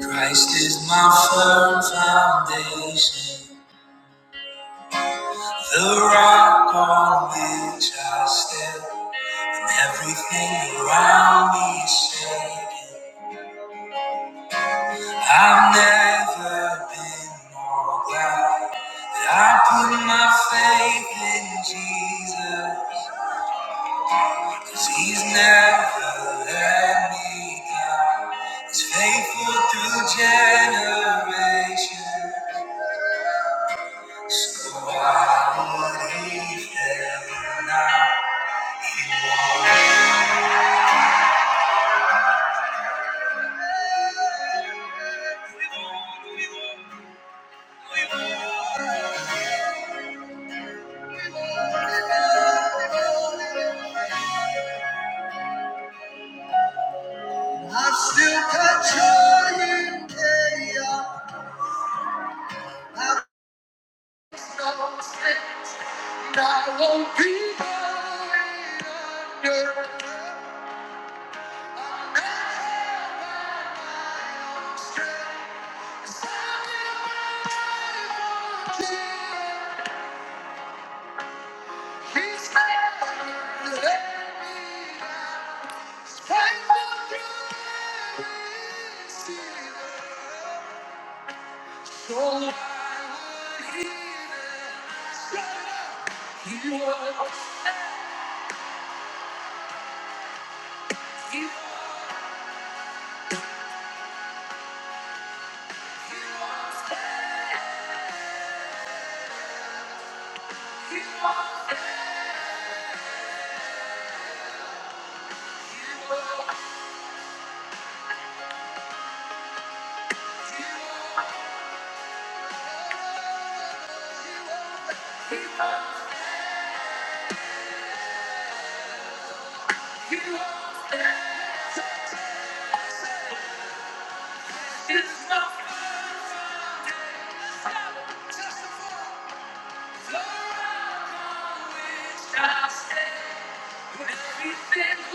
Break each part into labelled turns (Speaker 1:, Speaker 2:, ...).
Speaker 1: Christ is my firm foundation, the rock on which I stand. Everything around me is shaking. I've never been more glad that I put my faith in Jesus, 'cause He's never let me down. He's faithful through generations. So i would leave them now. I still controlling chaos. And I won't be going under. He's never let me down. You are, You won't. He loves, he loves, he loves,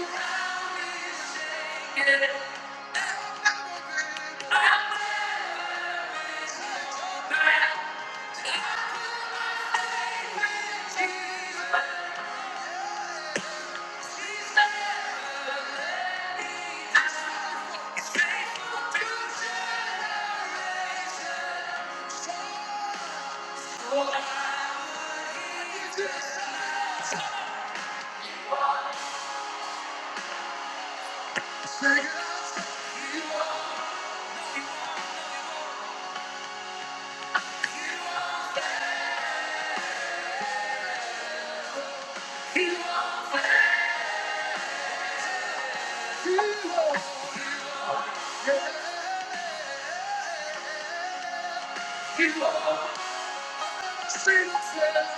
Speaker 1: he loves.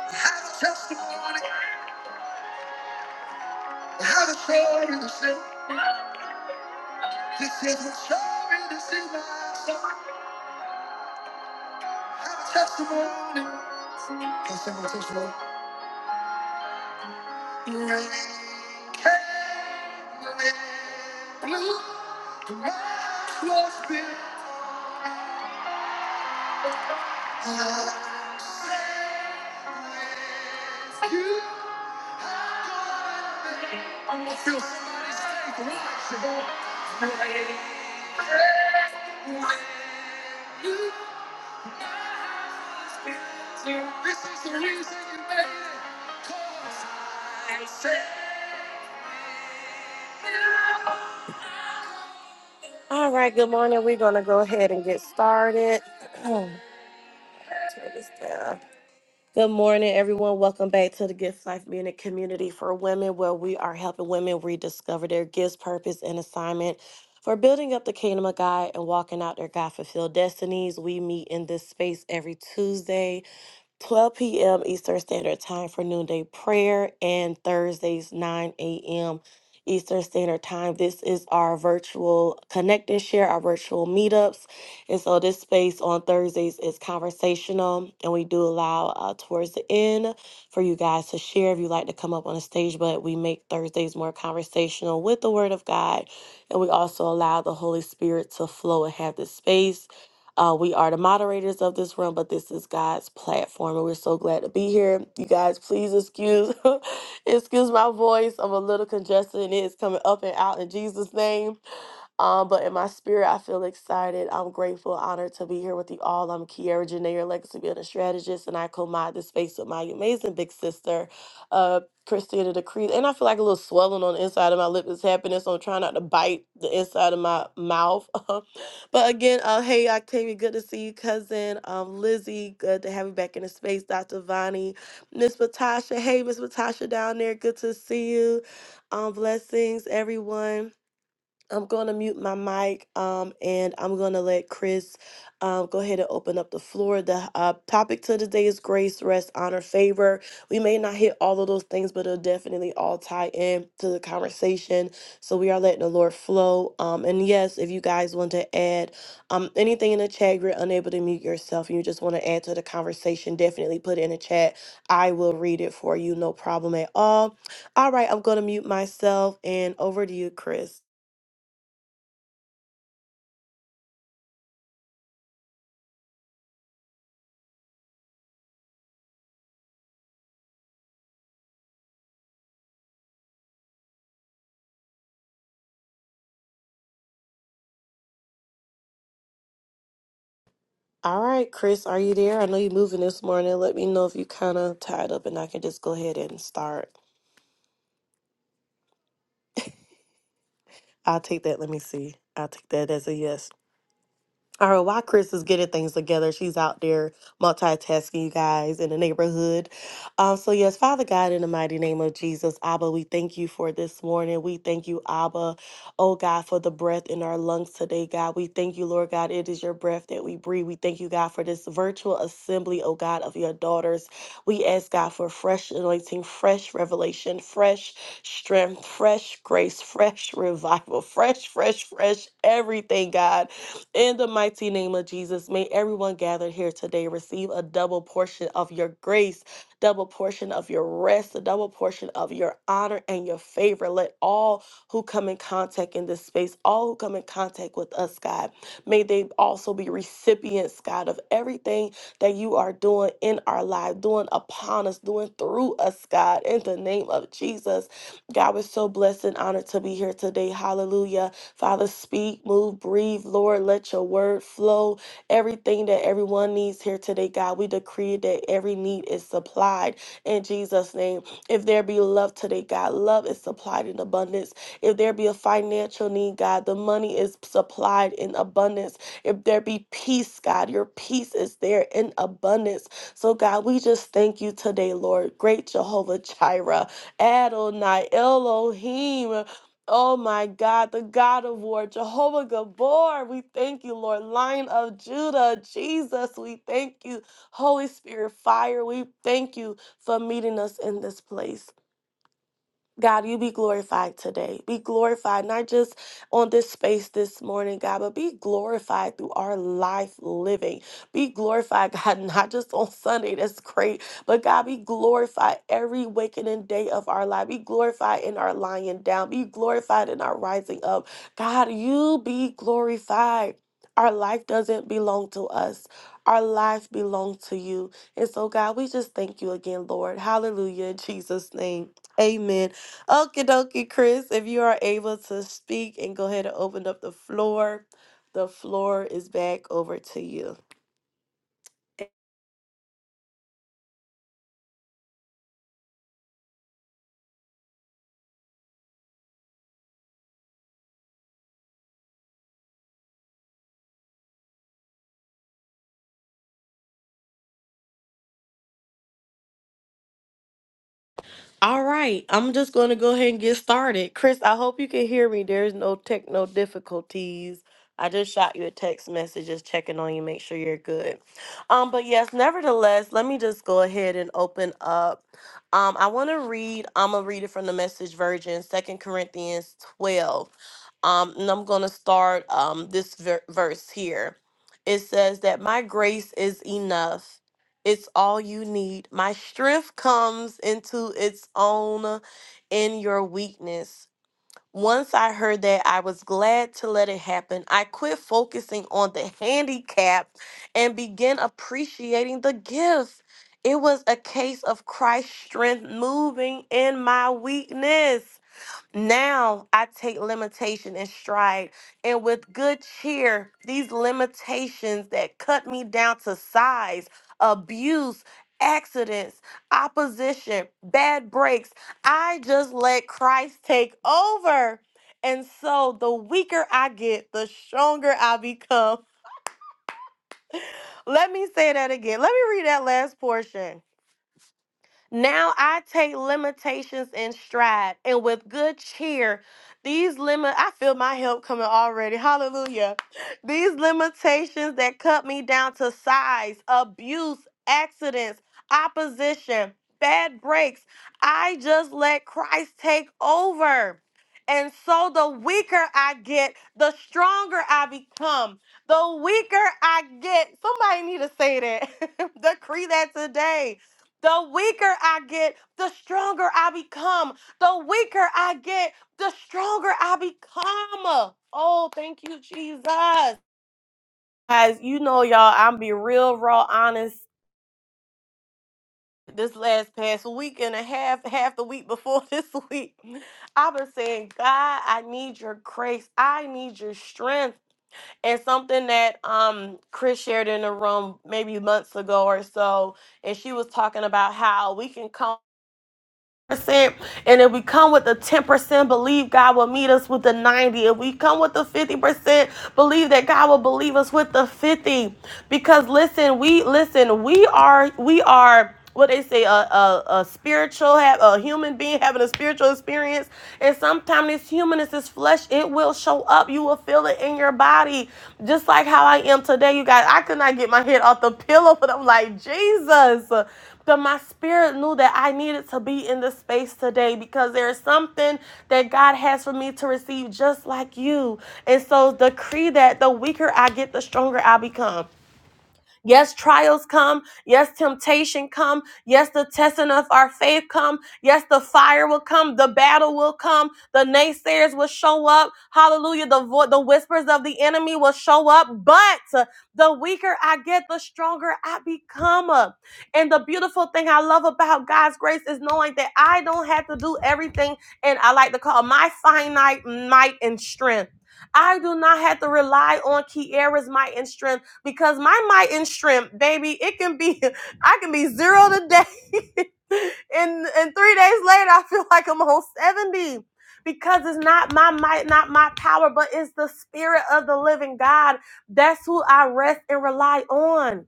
Speaker 1: Have a testimony. How to show you the sin. This is what showing you the sin. I Have a testimony. Can I sing my testimony. Rain came, rain blew. The rain was big. You. I'm gonna feel somebody's faith rising. up. Rain, rain blew. This is the reason you made it. 'Cause I said, All right, good morning. We're going to go ahead and get started. Turn this down. Good morning, everyone. Welcome back to the Gifts Life Munich Community for Women, where we are helping women rediscover their gifts, purpose, and assignment for building up the kingdom of God and walking out their God fulfilled destinies. We meet in this space every Tuesday, 12 p.m. Eastern Standard Time for noonday prayer, and Thursdays, 9 a.m. Eastern Standard Time. This is our virtual connect and share, our virtual meetups. And so this space on Thursdays is conversational, and we do allow uh, towards the end for you guys to share if you like to come up on the stage, but we make Thursdays more conversational with the Word of God, and we also allow the Holy Spirit to flow and have this space. Uh, we are the moderators of this room, but this is God's platform, and we're so glad to be here. You guys, please excuse excuse my voice. I'm a little congested, and it is coming up and out in Jesus' name. Um, but in my spirit, I feel excited. I'm grateful, honored to be here with you all. I'm Kiara Janair, legacy building strategist, and I co-mod this space with my amazing big sister, uh, Christina Decree. And I feel like a little swelling on the inside of my lip is happening, so I'm trying not to bite the inside of my mouth. but again, uh, hey Octavia, good to see you, cousin. Um, Lizzie, good to have you back in the space. Dr. Vani, Miss Patasha, hey Miss Patasha down there, good to see you. Um, blessings, everyone. I'm going to mute my mic um, and I'm going to let Chris um, go ahead and open up the floor. The uh, topic to today is grace, rest, honor, favor. We may not hit all of those things, but it'll definitely all tie in to the conversation. So we are letting the Lord flow. Um, and yes, if you guys want to add um, anything in the chat, if you're unable to mute yourself and you just want to add to the conversation, definitely put it in the chat. I will read it for you, no problem at all. All right, I'm going to mute myself and over to you, Chris. All right, Chris, are you there? I know you're moving this morning. Let me know if you kind of tied up and I can just go ahead and start. I'll take that. Let me see. I'll take that as a yes. All right, while Chris is getting things together. She's out there multitasking, you guys, in the neighborhood. Um, so, yes, Father God, in the mighty name of Jesus, Abba, we thank you for this morning. We thank you, Abba, oh God, for the breath in our lungs today, God. We thank you, Lord God. It is your breath that we breathe. We thank you, God, for this virtual assembly, oh God, of your daughters. We ask, God, for fresh anointing, fresh revelation, fresh strength, fresh grace, fresh revival, fresh, fresh, fresh everything, God in the mighty name of Jesus, may everyone gathered here today receive a double portion of your grace, double portion of your rest, a double portion of your honor and your favor. Let all who come in contact in this space, all who come in contact with us, God, may they also be recipients, God, of everything that you are doing in our life, doing upon us, doing through us, God, in the name of Jesus. God, we're so blessed and honored to be here today. Hallelujah. Father, speak, move, breathe, Lord. Let your word flow. Everything that everyone needs here today, God, we decree that every need is supplied in Jesus' name. If there be love today, God, love is supplied in abundance. If there be a financial need, God, the money is supplied in abundance. If there be peace, God, your peace is there in abundance. So, God, we just thank you today, Lord. Great Jehovah Jireh, Adonai, Elohim. Oh my God, the God of war, Jehovah Gabor, we thank you, Lord. Lion of Judah, Jesus, we thank you. Holy Spirit, fire, we thank you for meeting us in this place. God, you be glorified today. Be glorified, not just on this space this morning, God, but be glorified through our life living. Be glorified, God, not just on Sunday, that's great, but God, be glorified every wakening day of our life. Be glorified in our lying down. Be glorified in our rising up. God, you be glorified. Our life doesn't belong to us. Our life belongs to you. And so, God, we just thank you again, Lord. Hallelujah. In Jesus' name. Amen. Okie dokie, Chris, if you are able to speak and go ahead and open up the floor, the floor is back over to you. All right, I'm just going to go ahead and get started. Chris, I hope you can hear me. There's no techno difficulties. I just shot you a text message just checking on you, make sure you're good. Um but yes, nevertheless, let me just go ahead and open up. Um I want to read I'm going to read it from the message version, Second Corinthians 12. Um and I'm going to start um this ver- verse here. It says that my grace is enough it's all you need. My strength comes into its own in your weakness. Once I heard that, I was glad to let it happen. I quit focusing on the handicap and began appreciating the gift. It was a case of Christ's strength moving in my weakness. Now I take limitation in stride, and with good cheer, these limitations that cut me down to size, abuse, accidents, opposition, bad breaks, I just let Christ take over. And so the weaker I get, the stronger I become. Let me say that again. Let me read that last portion. Now I take limitations in stride, and with good cheer, these limit I feel my help coming already. Hallelujah. These limitations that cut me down to size, abuse, accidents, opposition, bad breaks, I just let Christ take over. And so the weaker I get, the stronger I become. The weaker I get, somebody need to say that. Decree that today the weaker I get, the stronger I become. The weaker I get, the stronger I become. Oh, thank you, Jesus. Guys, you know, y'all, I'm be real raw honest. This last past week and a half, half the week before this week, I've been saying, God, I need your grace. I need your strength. And something that um Chris shared in the room maybe months ago or so, and she was talking about how we can come. and if we come with the 10% believe god will meet us with the 90 if we come with the 50% believe that god will believe us with the 50 because listen, we listen, we are we are what they say a, a, a spiritual a human being having a spiritual experience and sometimes this humanness this flesh it will show up you will feel it in your body just like how i am today you guys i could not get my head off the pillow but i'm like jesus but my spirit knew that i needed to be in this space today because there is something that god has for me to receive just like you and so decree that the weaker i get the stronger i become Yes, trials come. Yes, temptation come. Yes, the testing of our faith come. Yes, the fire will come. The battle will come. The naysayers will show up. Hallelujah. The vo- the whispers of the enemy will show up. But the weaker I get, the stronger I become. And the beautiful thing I love about God's grace is knowing that I don't have to do everything. And I like to call my finite might and strength. I do not have to rely on Kiara's might and strength because my might and shrimp, baby, it can be I can be zero today, and and three days later I feel like I'm on seventy because it's not my might, not my power, but it's the spirit of the living God. That's who I rest and rely on.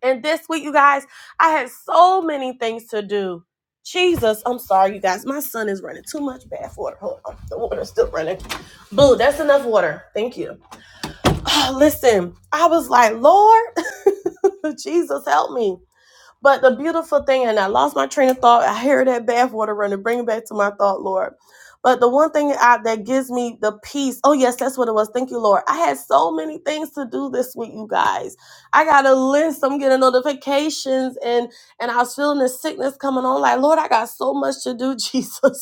Speaker 1: And this week, you guys, I had so many things to do. Jesus, I'm sorry, you guys. My son is running too much bad water. Hold on, the water's still running. Boo, that's enough water. Thank you. Oh, Listen, I was like, Lord. Jesus help me. But the beautiful thing, and I lost my train of thought. I hear that bathwater running. Bring it back to my thought, Lord. But the one thing I, that gives me the peace. Oh yes, that's what it was. Thank you, Lord. I had so many things to do this week, you guys. I got a list. I'm getting notifications, and and I was feeling the sickness coming on. Like Lord, I got so much to do, Jesus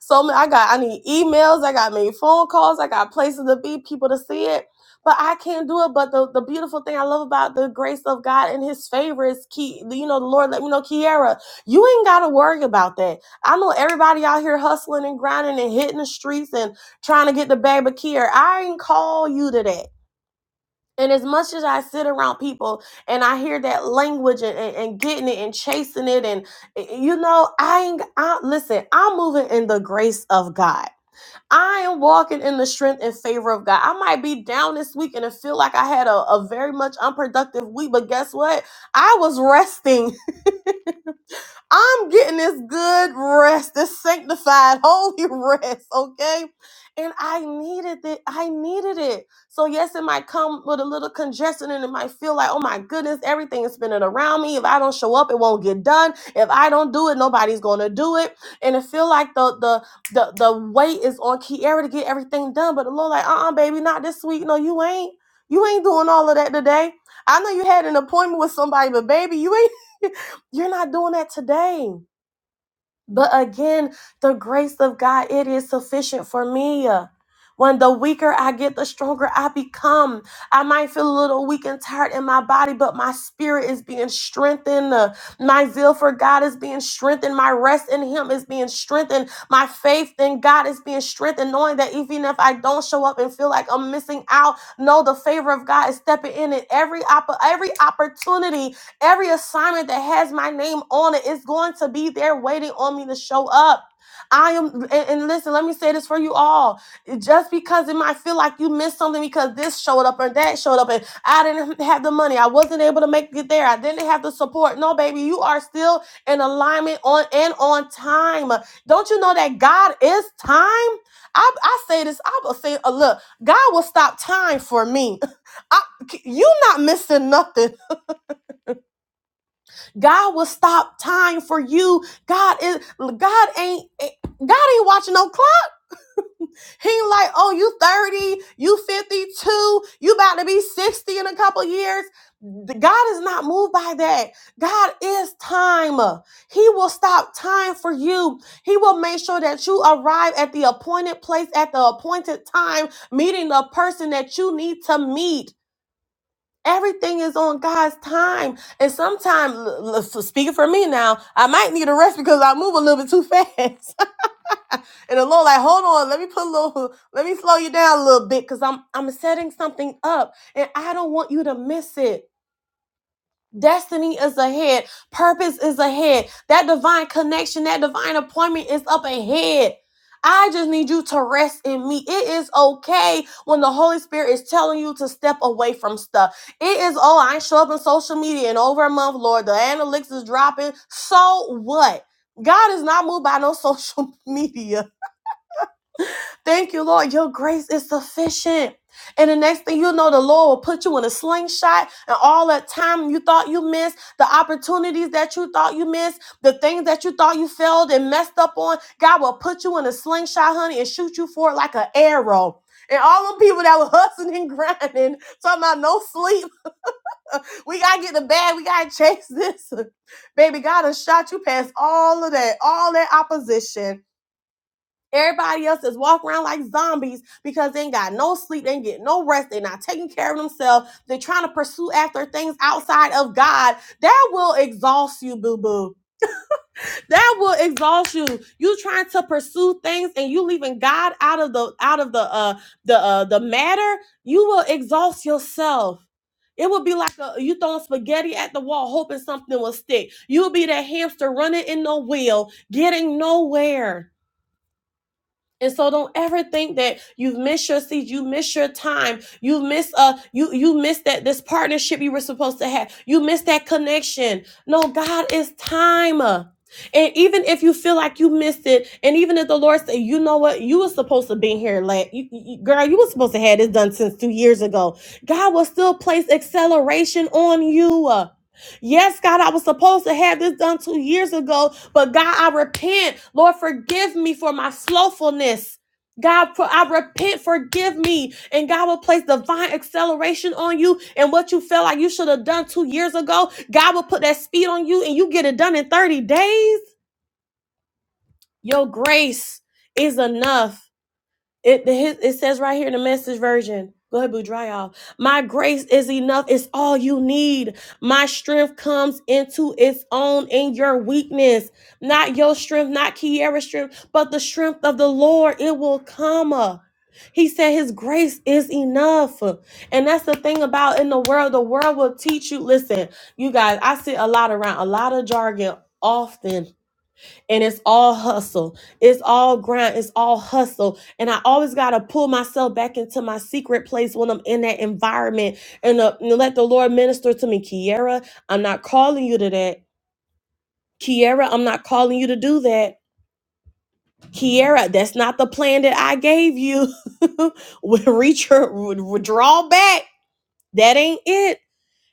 Speaker 1: so ma- I got I need emails, I got many phone calls, I got places to be, people to see it. But I can't do it. But the, the beautiful thing I love about the grace of God and his favor is key, you know, the Lord let me know, Kiara, you ain't gotta worry about that. I know everybody out here hustling and grinding and hitting the streets and trying to get the bag, but Kiara, I ain't call you to that. And as much as I sit around people and I hear that language and, and, and getting it and chasing it, and eh, eh, you know, I ain't, I, listen, I'm moving in the grace of God. I am walking in the strength and favor of God. I might be down this week and it feel like I had a, a very much unproductive week, but guess what? I was resting I'm getting this good rest, this sanctified, holy rest, okay? And I needed it. I needed it. So, yes, it might come with a little congestion and it might feel like, oh my goodness, everything is spinning around me. If I don't show up, it won't get done. If I don't do it, nobody's gonna do it. And it feel like the the the the weight is on Kiara to get everything done. But the Lord, like, uh-uh, baby, not this week. No, you ain't. You ain't doing all of that today. I know you had an appointment with somebody, but baby, you ain't. You're not doing that today. But again, the grace of God, it is sufficient for me. When the weaker I get, the stronger I become. I might feel a little weak and tired in my body, but my spirit is being strengthened. Uh, My zeal for God is being strengthened. My rest in Him is being strengthened. My faith in God is being strengthened, knowing that even if I don't show up and feel like I'm missing out, no, the favor of God is stepping in in every, opp- every opportunity Every assignment that has my name on it is going to be there waiting on me to show up. I am, and, and listen, let me say this for you all. Just because it might feel like you missed something because this showed up or that showed up, and I didn't have the money, I wasn't able to make it there, I didn't have the support. No, baby, you are still in alignment on and on time. Don't you know that God is time? I, I say this, I will say, uh, look, God will stop time for me. I, you not missing nothing. God will stop time for you. God is God ain't eh, God ain't watching no clock. He ain't like, oh, you 30, you 52, you about to be 60 in a couple years. God is not moved by that. God is time. He will stop time for you. He will make sure that you arrive at the appointed place at the appointed time, meeting the person that you need to meet. Everything is on God's time. And sometimes, l- l- so speaking for me now, I might need a rest because I move a little bit too fast. and the Lord, like, hold on, let me put a little, let me slow you down a little bit because I'm I'm setting something up and I don't want you to miss it. Destiny is ahead. Purpose is ahead. That divine connection, that divine appointment is up ahead. I just need you to rest in me. It is okay when the Holy Spirit is telling you to step away from stuff. It is, oh, I show up on social media in over a month, Lord. The analytics is dropping. So what? God is not moved by no social media. Thank you, Lord. Your grace is sufficient. And the next thing you know, the Lord will put you in a slingshot, and all that time you thought you missed, the opportunities that you thought you missed, the things that you thought you failed and messed up on, God will put you in a slingshot, honey, and shoot you for it like an arrow. And all the people that were hustling and grinding, talking about no sleep, we gotta get the bag, we gotta chase this. Baby, God has shot you past all of that, all that opposition Everybody else is walking around like zombies because they ain't got no sleep, they ain't get no rest, they're not taking care of themselves, they're trying to pursue after things outside of God. That will exhaust you, boo boo. That will exhaust you. You trying to pursue things and you leaving God out of the out of the uh the uh the matter. You will exhaust yourself. It would be like a, you throwing spaghetti at the wall, hoping something will stick. You'll be that hamster running in the wheel, getting nowhere and so don't ever think that you've missed your seat, you missed your time, you missed uh you you missed that this partnership you were supposed to have, you missed that connection. No, God is time. And even if you feel like you missed it, and even if the Lord said, you know what, you were supposed to be here, la- you, you- girl, you were supposed to have this done since two years ago. God will still place acceleration on you. Yes, God, I was supposed to have this done two years ago, but God, I repent. Lord, forgive me for my slowfulness. God, I repent, forgive me. And God will place divine acceleration on you. And what you felt like you should have done two years ago, God will put that speed on you and you get it done in 30 days. Your grace is enough. It, the- it says right here in the message version. Go ahead, boo, dry off. My grace is enough. It's all you need. My strength comes into its own in your weakness. Not your strength, not Kiara's strength, but the strength of the Lord. It will come. uh. He said his grace is enough. And that's the thing about in the world. The world will teach you. Listen, you guys, I sit a lot around a lot of jargon often and it's all hustle. It's all grind. It's all hustle. And I always got to pull myself back into my secret place when I'm in that environment and, uh, and let the Lord minister to me. Kiera, I'm not calling you to that. Kiera, I'm not calling you to do that. Kiera, that's not the plan that I gave you. Reach your, draw back. That ain't it.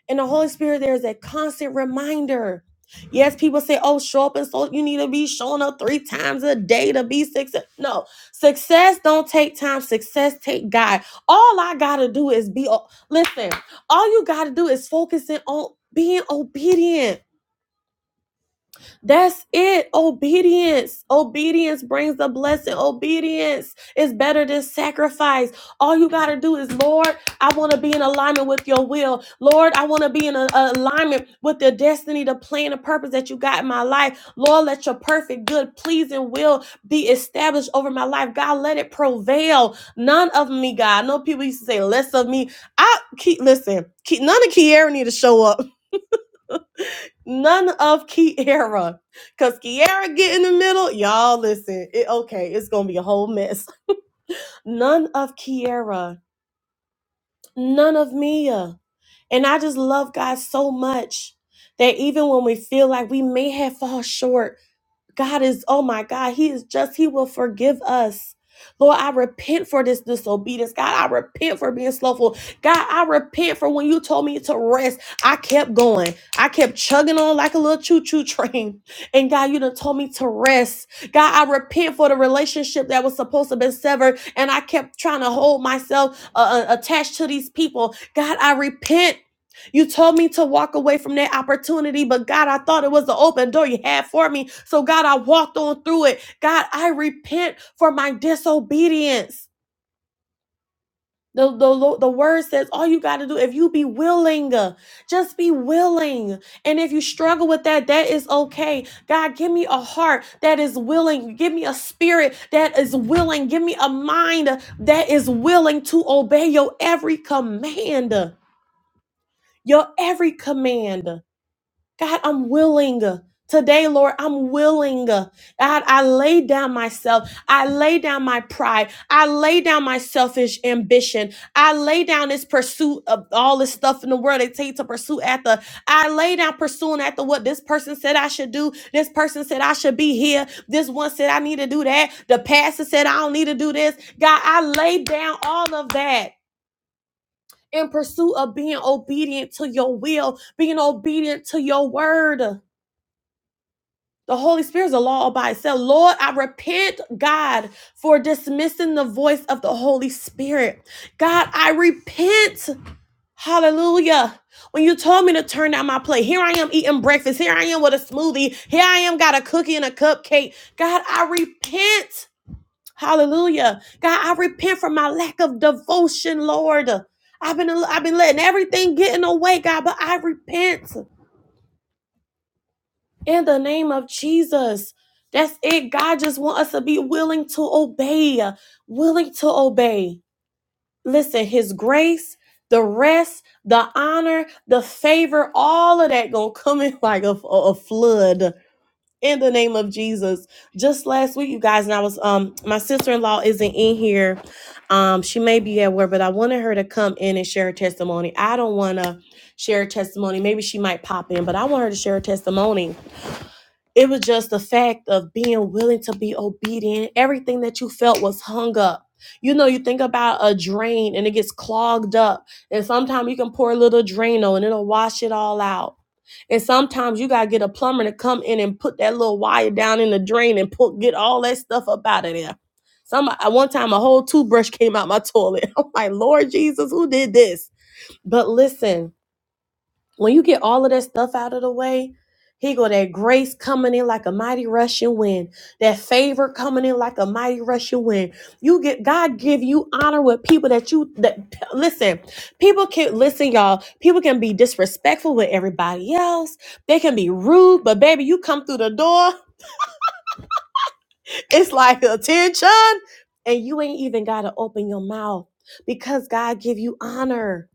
Speaker 1: And the Holy Spirit, there is a constant reminder. Yes, people say, oh, show up and so you need to be showing up three times a day to be success. No, success don't take time. Success take God. All I gotta do is be o- listen, all you gotta do is focusing on being obedient. That's it. Obedience. Obedience brings the blessing. Obedience is better than sacrifice. All you got to do is, Lord, I want to be in alignment with your will. Lord, I want to be in a- a alignment with the destiny, the plan, the purpose that you got in my life. Lord, let your perfect, good, pleasing will be established over my life. God, let it prevail. None of me, God. I know people used to say less of me. I keep, listen, Ki- none of Kiara need to show up. None of Kiara. Cause Kiara get in the middle. Y'all listen. It okay, it's gonna be a whole mess. None of Kiara. None of Mia. And I just love God so much that even when we feel like we may have fall short. God is, oh my God, He is just, He will forgive us. Lord, I repent for this disobedience. God, I repent for being slothful. God, I repent for when you told me to rest. I kept going. I kept chugging on like a little choo-choo train. And God, you done told me to rest. God, I repent for the relationship that was supposed to be severed. And I kept trying to hold myself uh, uh, attached to these people. God, I repent you told me to walk away from that opportunity, but God, I thought it was the open door you had for me. So, God, I walked on through it. God, I repent for my disobedience. The, the, the word says all you got to do if you be willing uh, just be willing and if you struggle with that that is okay god give me a heart that is willing give me a spirit that is willing give me a mind that is willing to obey your every command your every command God, I'm willing. Today, Lord, I'm willing. God, I lay down myself. I lay down my pride. I lay down my selfish ambition. I lay down this pursuit of all this stuff in the world they take to pursue after. I lay down pursuing after what this person said I should do. This person said I should be here. This one said I need to do that. The pastor said I don't need to do this. God, I lay down all of that in pursuit of being obedient to your will, being obedient to your word. The Holy Spirit is a law all by itself. Lord, I repent, God, for dismissing the voice of the Holy Spirit. God, I repent. Hallelujah. When you told me to turn down my plate, here I am eating breakfast. Here I am with a smoothie. Here I am got a cookie and a cupcake. God, I repent. Hallelujah. God, I repent for my lack of devotion, Lord. I've been I've been letting everything get in the way, God, but I repent in the name of Jesus. That's it. God just wants us to be willing to obey, willing to obey. Listen, his grace, the rest, the honor, the favor, all of that going to come in like a, a flood in the name of Jesus. Just last week, you guys, and I was um my sister-in-law isn't in here. Um she may be at work, but I wanted her to come in and share a testimony. I don't want to share a testimony. Maybe she might pop in, but I want her to share a testimony it was just the fact of being willing to be obedient. Everything that you felt was hung up. You know, you think about a drain and it gets clogged up. And sometimes you can pour a little Drano and it'll wash it all out. And sometimes you gotta get a plumber to come in and put that little wire down in the drain and put get all that stuff up out of there. Some at one time a whole toothbrush came out my toilet. I'm like, Lord Jesus, who did this? But listen, when you get all of that stuff out of the way, he go that grace coming in like a mighty rushing wind, that favor coming in like a mighty rushing wind. You get God give you honor with people that you that listen. People can listen, y'all. People can be disrespectful with everybody else. They can be rude, but baby, you come through the door, it's like attention, and you ain't even gotta open your mouth because God give you honor.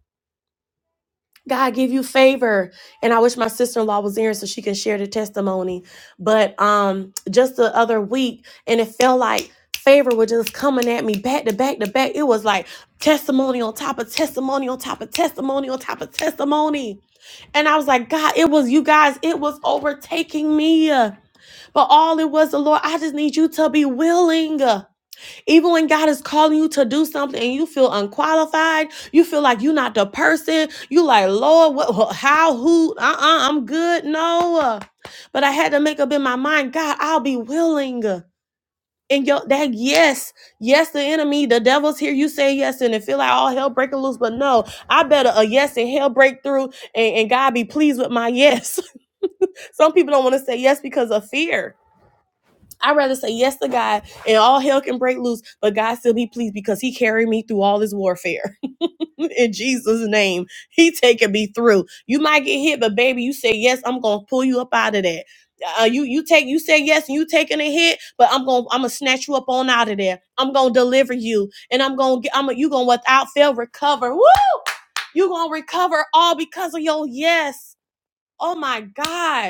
Speaker 1: God give you favor. And I wish my sister-in-law was here so she can share the testimony. But um just the other week, and it felt like favor was just coming at me back to back to back. It was like testimony on top of testimony on top of testimony on top of testimony. And I was like, God, it was you guys, it was overtaking me. But all it was the Lord, I just need you to be willing. Even when God is calling you to do something and you feel unqualified, you feel like you're not the person. You like, Lord, what, how, who? Uh-uh, I'm good. No, but I had to make up in my mind, God, I'll be willing. And your that yes, yes, the enemy, the devil's here. You say yes, and it feel like all hell breaking loose. But no, I better a yes and hell break through, and, and God be pleased with my yes. Some people don't want to say yes because of fear I'd rather say yes to God and all hell can break loose, but God still be pleased because He carried me through all this warfare. In Jesus' name, He taking me through. You might get hit, but baby, you say yes, I'm gonna pull you up out of that. Uh, you you take you say yes and you taking a hit, but I'm gonna I'm gonna snatch you up on out of there. I'm gonna deliver you, and I'm gonna get I'm gonna you gonna without fail recover. Woo! You gonna recover all because of your yes. Oh my God.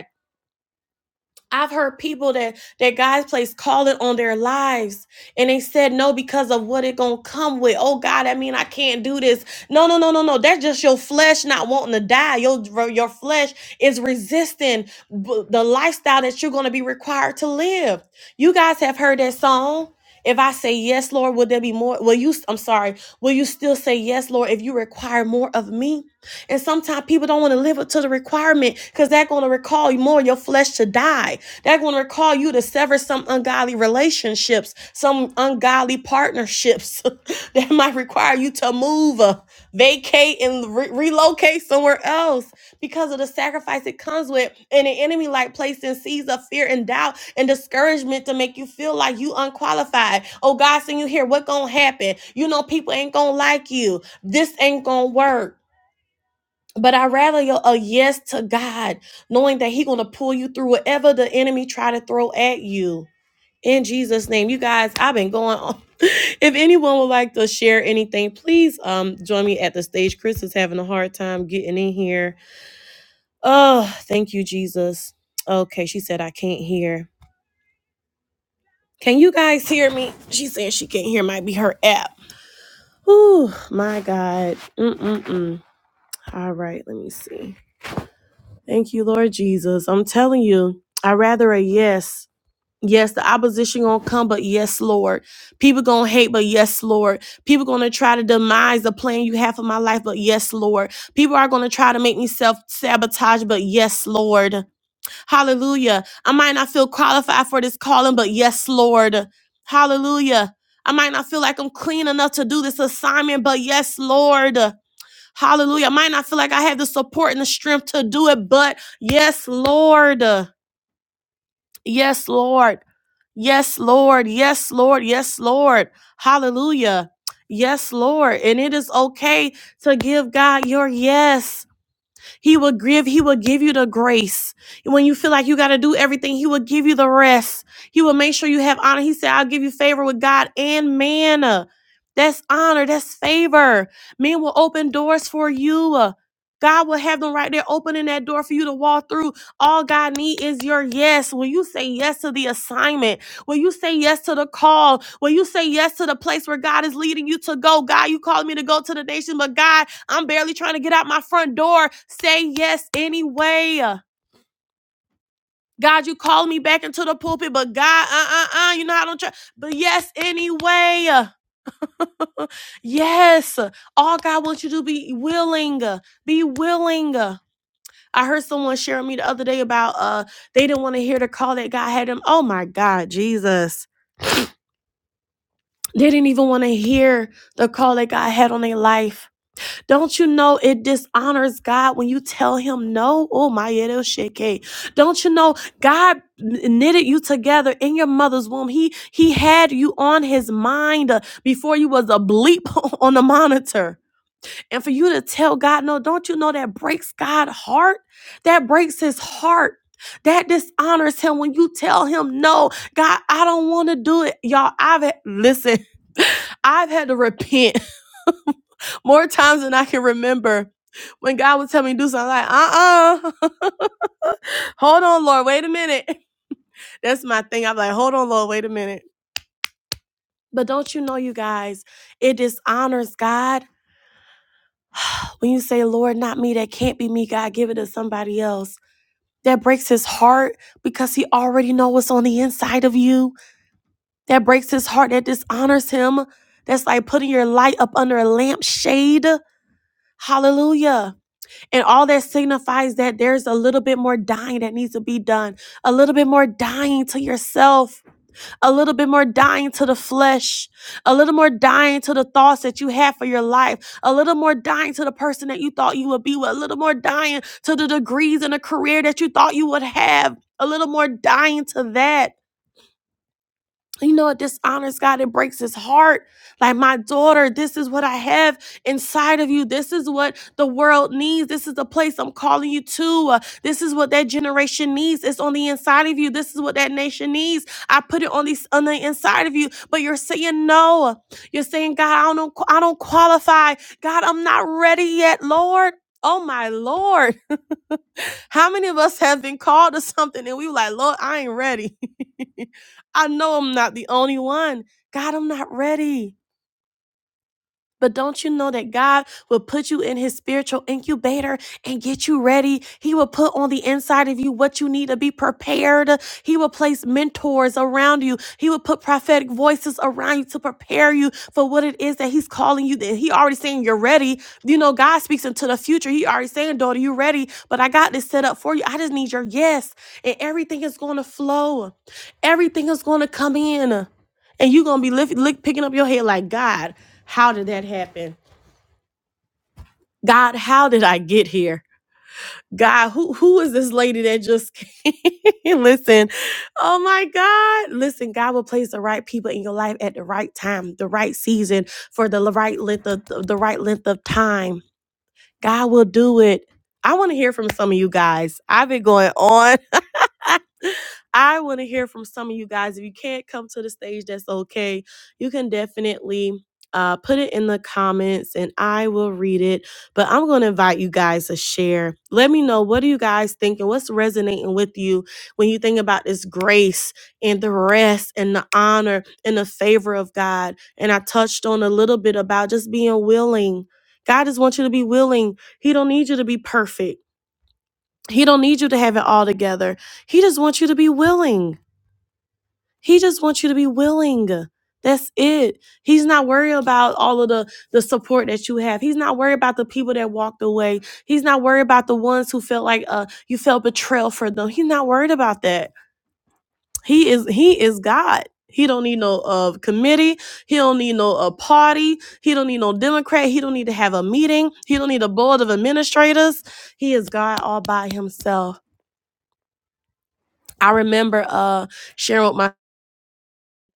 Speaker 1: I've heard people that that guys place calling on their lives and they said no because of what it gonna come with. Oh God, I mean I can't do this. No, no, no, no, no. That's just your flesh not wanting to die. Your your flesh is resisting b- the lifestyle that you're gonna be required to live. You guys have heard that song. If I say yes, Lord, will there be more? Will you? I'm sorry. Will you still say yes, Lord, if you require more of me? And sometimes people don't want to live up to the requirement because that's going to recall you more your flesh to die. That's going to recall you to sever some ungodly relationships, some ungodly partnerships that might require you to move, uh, vacate, and re- relocate somewhere else because of the sacrifice it comes with. And the enemy like placing seeds of fear and doubt and discouragement to make you feel like you unqualified. Oh God, send you here. What gonna happen? You know people ain't gonna like you. This ain't gonna work but I rather a a yes to God, knowing that He gonna pull you through whatever the enemy try to throw at you. In Jesus' name, you guys, I've been going on. If anyone would like to share anything, please um join me at the stage. Chris is having a hard time getting in here. Oh, thank you, Jesus. Okay, she said I can't hear. Can you guys hear me? She's saying she can't hear. Might be her app. Oh my God. Mm-mm-mm. All right, let me see. Thank you, Lord Jesus. I'm telling you, I rather a yes. Yes, the opposition gonna come, but yes, Lord. People gonna hate, but yes, Lord. People gonna try to demise the plan you have for my life, but yes, Lord. People are gonna try to make me self sabotage, but yes, Lord. Hallelujah. I might not feel qualified for this calling, but yes, Lord. Hallelujah. I might not feel like I'm clean enough to do this assignment, but yes, Lord. Hallelujah. I might not feel like I have the support and the strength to do it, but yes, Lord. Yes, Lord. Yes, Lord. Yes, Lord. Yes, Lord. Hallelujah. Yes, Lord. And it is okay to give God your yes. He will give, he will give you the grace. And when you feel like you got to do everything, he will give you the rest. He will make sure you have honor. He said, I'll give you favor with God and man. That's honor, that's favor. Men will open doors for you. God will have them right there opening that door for you to walk through. All God needs is your yes. When you say yes to the assignment, when you say yes to the call, when you say yes to the place where God is leading you to go, God, you called me to go to the nation, but God, I'm barely trying to get out my front door. Say yes anyway. God, you called me back into the pulpit, but God, uh, uh, uh, you know I don't try. But yes anyway. yes, all God wants you to be willing. Be willing. I heard someone sharing me the other day about uh they didn't want to hear the call that God had them. Oh my God, Jesus. They didn't even want to hear the call that God had on their life. Don't you know it dishonors God when you tell him no? Oh, my little shit cake. Don't you know God knitted you together in your mother's womb? He he had you on his mind uh, before you was a bleep on the monitor. And for you to tell God no, don't you know that breaks God's heart? That breaks his heart. That dishonors him when you tell him no. God, I don't want to do it. Y'all, I've had, listen, I've had to repent more times than I can remember when God would tell me to do something, I'm like, uh uh hold on, Lord, wait a minute. That's my thing. I'm like, hold on, Lord, wait a minute. But don't you know, you guys, it dishonors God when you say, Lord, not me, that can't be me, God, give it to somebody else. That breaks his heart because he already knows what's on the inside of you. That breaks his heart, that dishonors him. That's like putting your light up under a lampshade. Hallelujah And all that signifies that there's a little bit more dying that needs to be done, a little bit more dying to yourself, a little bit more dying to the flesh, a little more dying to the thoughts that you have for your life, a little more dying to the person that you thought you would be with, a little more dying to the degrees and the career that you thought you would have, a little more dying to that you know, it dishonors God. It breaks his heart. Like, my daughter, this is what I have inside of you. This is what the world needs. This is the place I'm calling you to. Uh, this is what that generation needs. It's on the inside of you. This is what that nation needs. I put it on, these, on the inside of you. But you're saying no. You're saying, God, I don't, I don't qualify. God, I'm not ready yet, Lord. Oh, my Lord. How many of us have been called to something and we were like, Lord, I ain't ready. I know I'm not the only one. God, I'm not ready. But don't you know that God will put you in his spiritual incubator and get you ready? He will put on the inside of you what you need to be prepared. He will place mentors around you. He will put prophetic voices around you to prepare you for what it is that he's calling you. That he already saying you're ready. You know, God speaks into the future. He already saying, daughter, you ready, but I got this set up for you. I just need your yes. And everything is going to flow. Everything is going to come in. And you're going to be lift, lick, picking up your head like, God. How did that happen? God, how did I get here? God, who who is this lady that just came? Listen, oh my God. Listen, God will place the right people in your life at the right time, the right season, for the right length of the right length of time. God will do it. I want to hear from some of you guys. I've been going on. I want to hear from some of you guys. If you can't come to the stage, that's okay. You can definitely uh, put it in the comments and I will read it. But I'm going to invite you guys to share. Let me know what are you guys thinking? What's resonating with you when you think about this grace and the rest and the honor and the favor of God? And I touched on a little bit about just being willing. God just wants you to be willing. He don't need you to be perfect. He don't need you to have it all together. He just wants you to be willing. He just wants you to be willing. That's it. He's not worried about all of the the support that you have. He's not worried about the people that walked away. He's not worried about the ones who felt like uh you felt betrayal for them. He's not worried about that. He is he is God. He don't need no uh committee. He don't need no uh, party. He don't need no Democrat. He don't need to have a meeting. He don't need a board of administrators. He is God all by himself. I remember uh sharing with my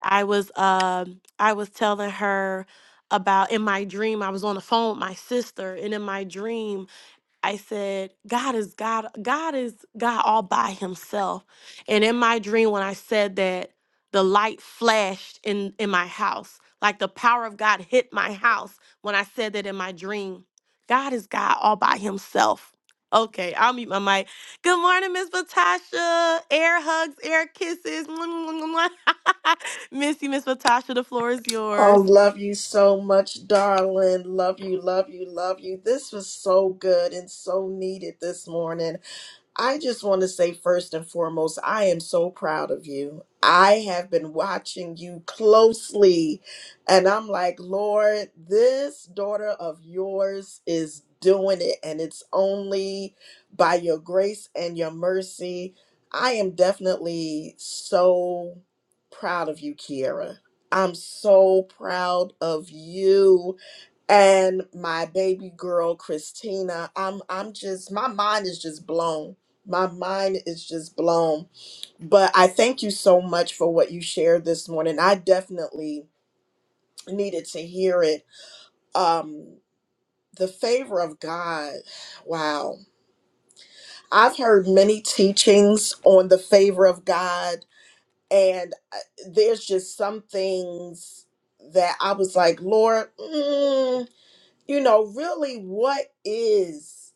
Speaker 1: I was um I was telling her about in my dream I was on the phone with my sister and in my dream I said, God is God, God is God all by himself. And in my dream, when I said that, the light flashed in, in my house, like the power of God hit my house when I said that in my dream. God is God all by himself. Okay, I'll mute my mic. Good morning, Miss Patasha. Air hugs, air kisses. Miss you, Miss Patasha. The floor is
Speaker 2: Oh,
Speaker 1: yours.
Speaker 2: love you so much, darling. Love you, love you, love you. This was so good and so needed this morning. I just want to say first and foremost, I am so proud of you. I have been watching you closely, and I'm like, Lord, this daughter of yours is doing it, and it's only by your grace and your mercy. I am definitely so proud of you, Kiera. I'm so proud of you and my baby girl Christina. I'm I'm just my mind is just blown. My mind is just blown. But I thank you so much for what you shared this morning. I definitely needed to hear it. Um the favor of God. Wow. I've heard many teachings on the favor of God and uh, there's just some things that I was like, Lord, mm, you know, really what is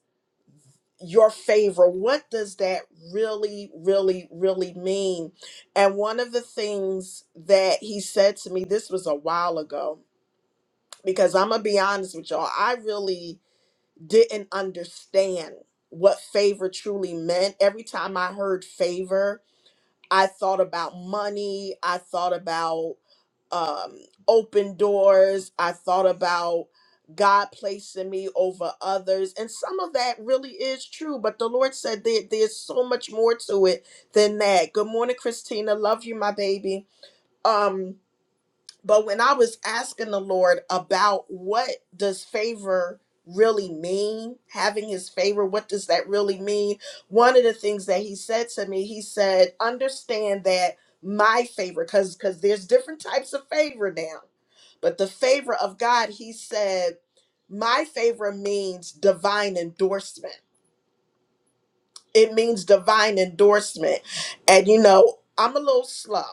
Speaker 2: your favor? What does that really, really, really mean? And one of the things that he said to me, this was a while ago, because I'm going to be honest with y'all, I really didn't understand what favor truly meant. Every time I heard favor, I thought about money, I thought about um, open doors. I thought about God placing me over others. And some of that really is true, but the Lord said there, there's so much more to it than that. Good morning, Christina. Love you, my baby. Um, but when I was asking the Lord about what does favor really mean, having his favor, what does that really mean? One of the things that he said to me, he said, understand that my favor, because because there's different types of favor now. But the favor of God, he said, my favor means divine endorsement it means divine endorsement. And you know, I'm a little slow.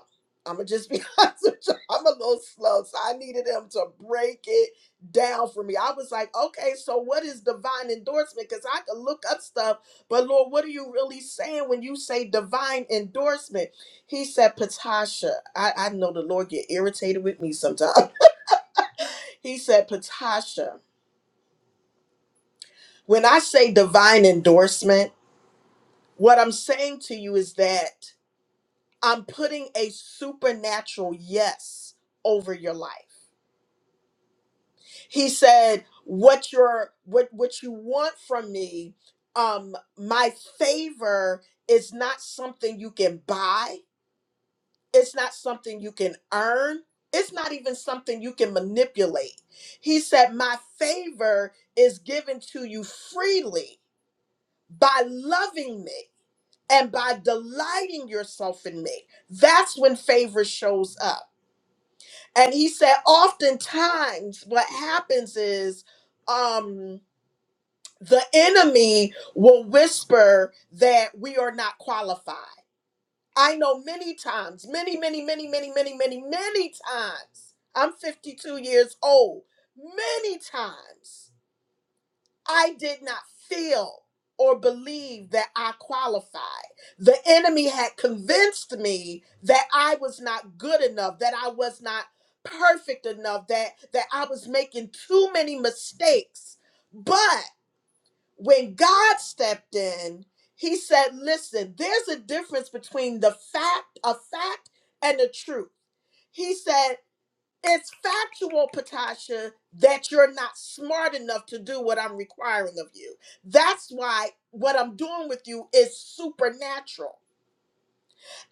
Speaker 2: I'm gonna just be honest with you. I'm a little slow, so I needed him to break it down for me. I was like, okay, so what is divine endorsement? Because I could look up stuff, but Lord, what are you really saying when you say divine endorsement? He said, Patasha. I, I know the Lord get irritated with me sometimes. he said, Patasha, when I say divine endorsement, what I'm saying to you is that I'm putting a supernatural yes over your life. He said, "What your what what you want from me, um my favor is not something you can buy. It's not something you can earn. It's not even something you can manipulate." He said, "My favor is given to you freely by loving me." And by delighting yourself in me, that's when favor shows up and he said oftentimes what happens is um the enemy will whisper that we are not qualified i know many times many many many many many many many times i'm 52 years old many times I did not feel or believe that I qualified. The enemy had convinced me that I was not good enough, that I was not perfect enough, that that I was making too many mistakes. But when God stepped in, he said, "Listen, there's a difference between the fact, a fact and the truth." He said, it's factual, Patasha, that you're not smart enough to do what I'm requiring of you. That's why what I'm doing with you is supernatural.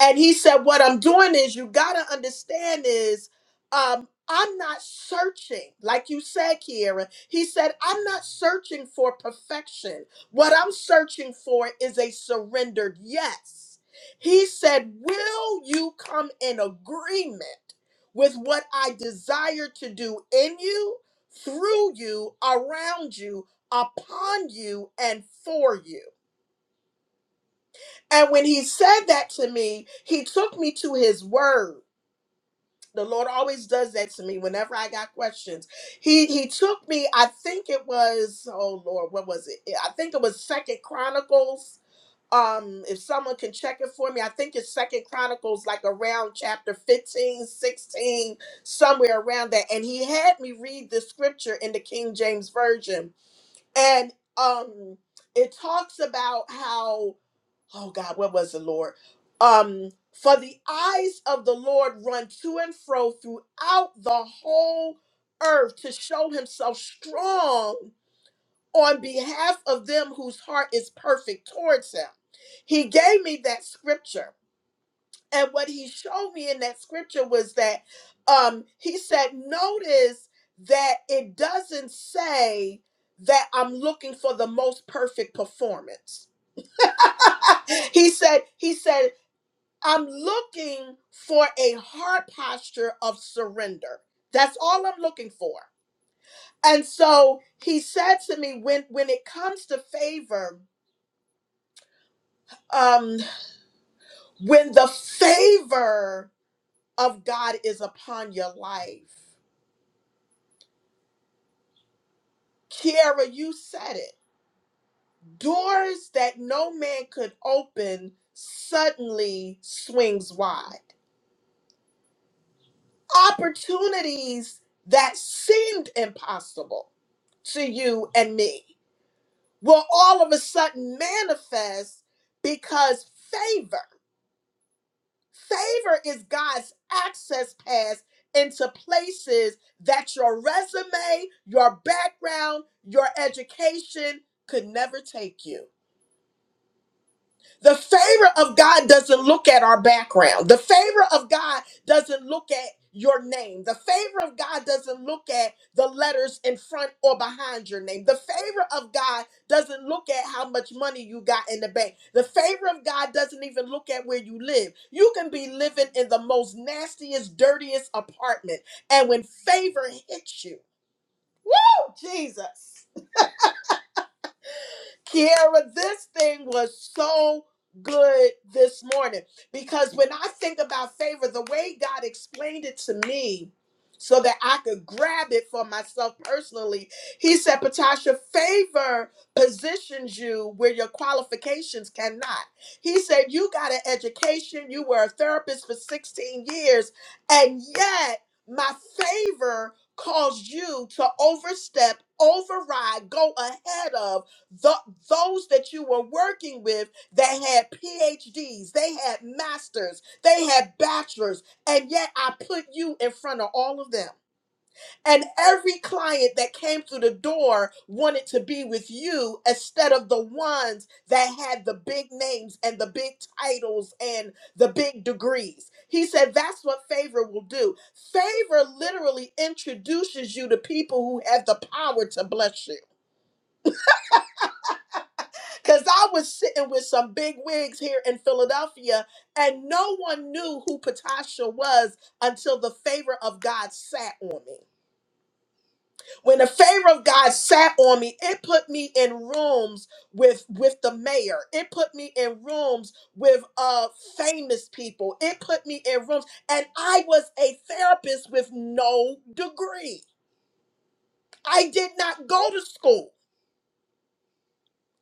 Speaker 2: And he said, What I'm doing is you got to understand is um, I'm not searching, like you said, Kiera. He said, I'm not searching for perfection. What I'm searching for is a surrendered yes. He said, Will you come in agreement with what I desire to do in you, through you, around you, upon you, and for you? And when he said that to me, he took me to his word. The Lord always does that to me whenever I got questions. He he took me, I think it was, oh Lord, what was it? I think it was Second Chronicles. Um, if someone can check it for me, I think it's Second Chronicles, like around chapter 15, 16, somewhere around that. And he had me read the scripture in the King James Version. And um it talks about how oh God, what was the Lord? Um, for the eyes of the Lord run to and fro throughout the whole earth to show himself strong on behalf of them whose heart is perfect towards him. He gave me that scripture. And what he showed me in that scripture was that um, he said, notice that it doesn't say that I'm looking for the most perfect performance he said he said I'm looking for a heart posture of surrender. That's all I'm looking for. And so he said to me, when when it comes to favor, um, when the favor of God is upon your life, Kiara, you said it. Doors that no man could open suddenly swings wide. Opportunities that seemed impossible to you and me will all of a sudden manifest because favor favor is god's access pass into places that your resume your background your education could never take you the favor of God doesn't look at our background. The favor of God doesn't look at your name. The favor of God doesn't look at the letters in front or behind your name. The favor of God doesn't look at how much money you got in the bank. The favor of God doesn't even look at where you live. You can be living in the most nastiest, dirtiest apartment. And when favor hits you, oh, Jesus. Kiara, this thing was so good this morning because when I think about favor, the way God explained it to me so that I could grab it for myself personally, He said, Patasha, favor positions you where your qualifications cannot. He said, You got an education, you were a therapist for 16 years, and yet my favor caused you to overstep, override, go ahead of the, those that you were working with that had PhDs, they had masters, they had bachelors, and yet I put you in front of all of them. And every client that came through the door wanted to be with you instead of the ones that had the big names and the big titles and the big degrees. He said that's what favor will do. Favor literally introduces you to people who have the power to bless you. Because I was sitting with some big wigs here in Philadelphia, and no one knew who Patasha was until the favor of God sat on me. When the favor of God sat on me, it put me in rooms with with the mayor. It put me in rooms with uh famous people. It put me in rooms, and I was a therapist with no degree. I did not go to school.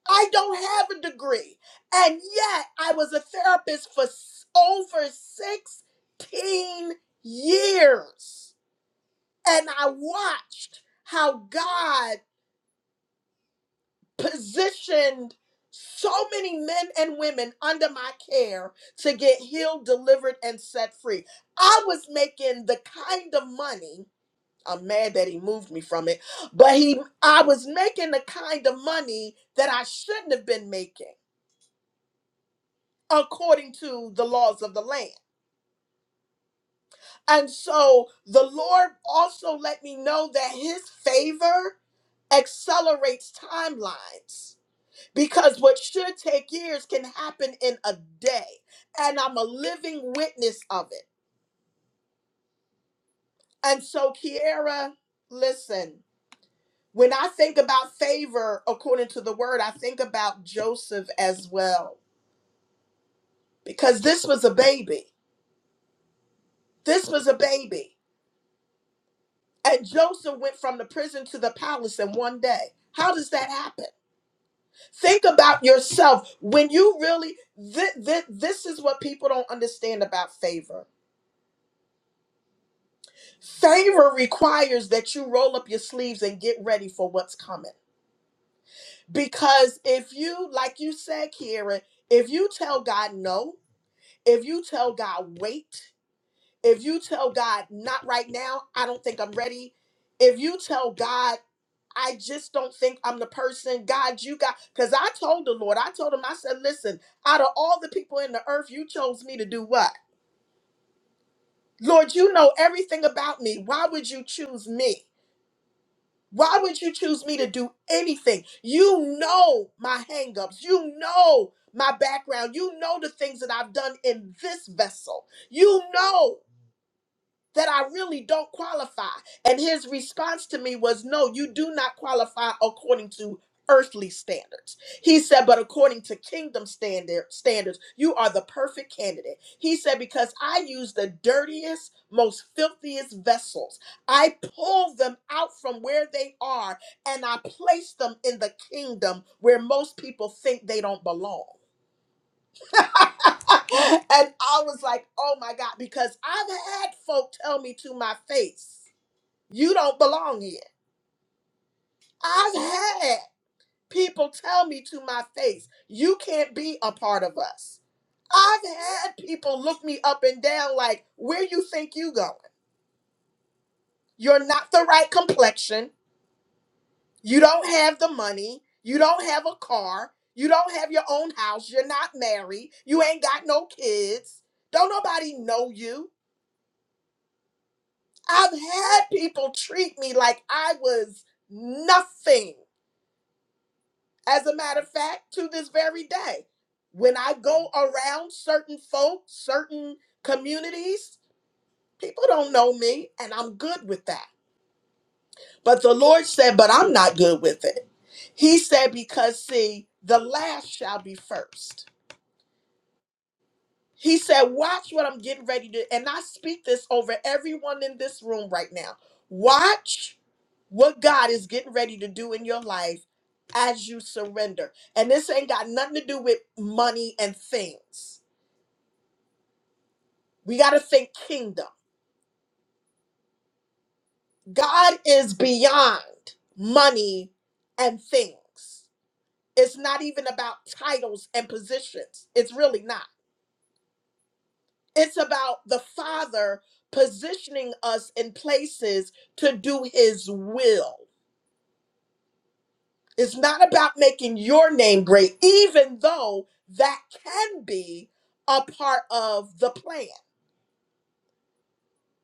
Speaker 2: I don't have a degree. And yet I was a therapist for s- over 16 years. And I watched how God positioned so many men and women under my care to get healed, delivered, and set free. I was making the kind of money. I'm mad that he moved me from it, but he I was making the kind of money that I shouldn't have been making according to the laws of the land. And so the Lord also let me know that his favor accelerates timelines because what should take years can happen in a day. And I'm a living witness of it. And so, Kiara, listen, when I think about favor according to the word, I think about Joseph as well because this was a baby. This was a baby And Joseph went from the prison to the palace in one day. How does that happen? Think about yourself when you really, thi- thi- this is what people don't understand about favor. Favor requires that you roll up your sleeves and get ready for what's coming. Because if you, like you said, Karen, if you tell God no, if you tell God wait, if you tell God not right now, I don't think I'm ready, if you tell God I just don't think I'm the person God you got. Because I told the Lord, I told him, I said, listen, out of all the people in the earth, you chose me to do what? Lord, you know everything about me. Why would you choose me? Why would you choose me to do anything? You know my hangups. You know my background. You know the things that I've done in this vessel. You know. that I really don't qualify. And his response to me was, No, you do not qualify according to earthly standards. He said, But according to kingdom standard, standards, you are the perfect candidate. He said, Because I use the dirtiest, most filthiest vessels, I pull them out from where they are and I place them in the kingdom where most people think they don't belong. and I was like, Oh my God, because I've had folk tell me to my face. You don't belong here. I've had people tell me to my face, you can't be a part of us. I've had people look me up and down like, where you think you going? You're not the right complexion. You don't have the money. You don't have a car. You don't have your own house. You're not married. You ain't got no kids. Don't nobody know you. I've had people treat me like I was nothing As a matter of fact, to this very day, when I go around certain folks, certain communities, people don't know me, and I'm good with that. But the Lord said, But I'm not good with it. He said, Because see, the last shall be first. He said, Watch what I'm getting ready to. And I speak this over everyone in this room right now. Watch what God is getting ready to do in your life as you surrender. And this ain't got nothing to do with money and things. We got to think kingdom. God is beyond money and things. It's not even about titles and positions. It's really not. It's about the Father positioning us in places to do His will. It's not about making your name great, even though that can be a part of the plan.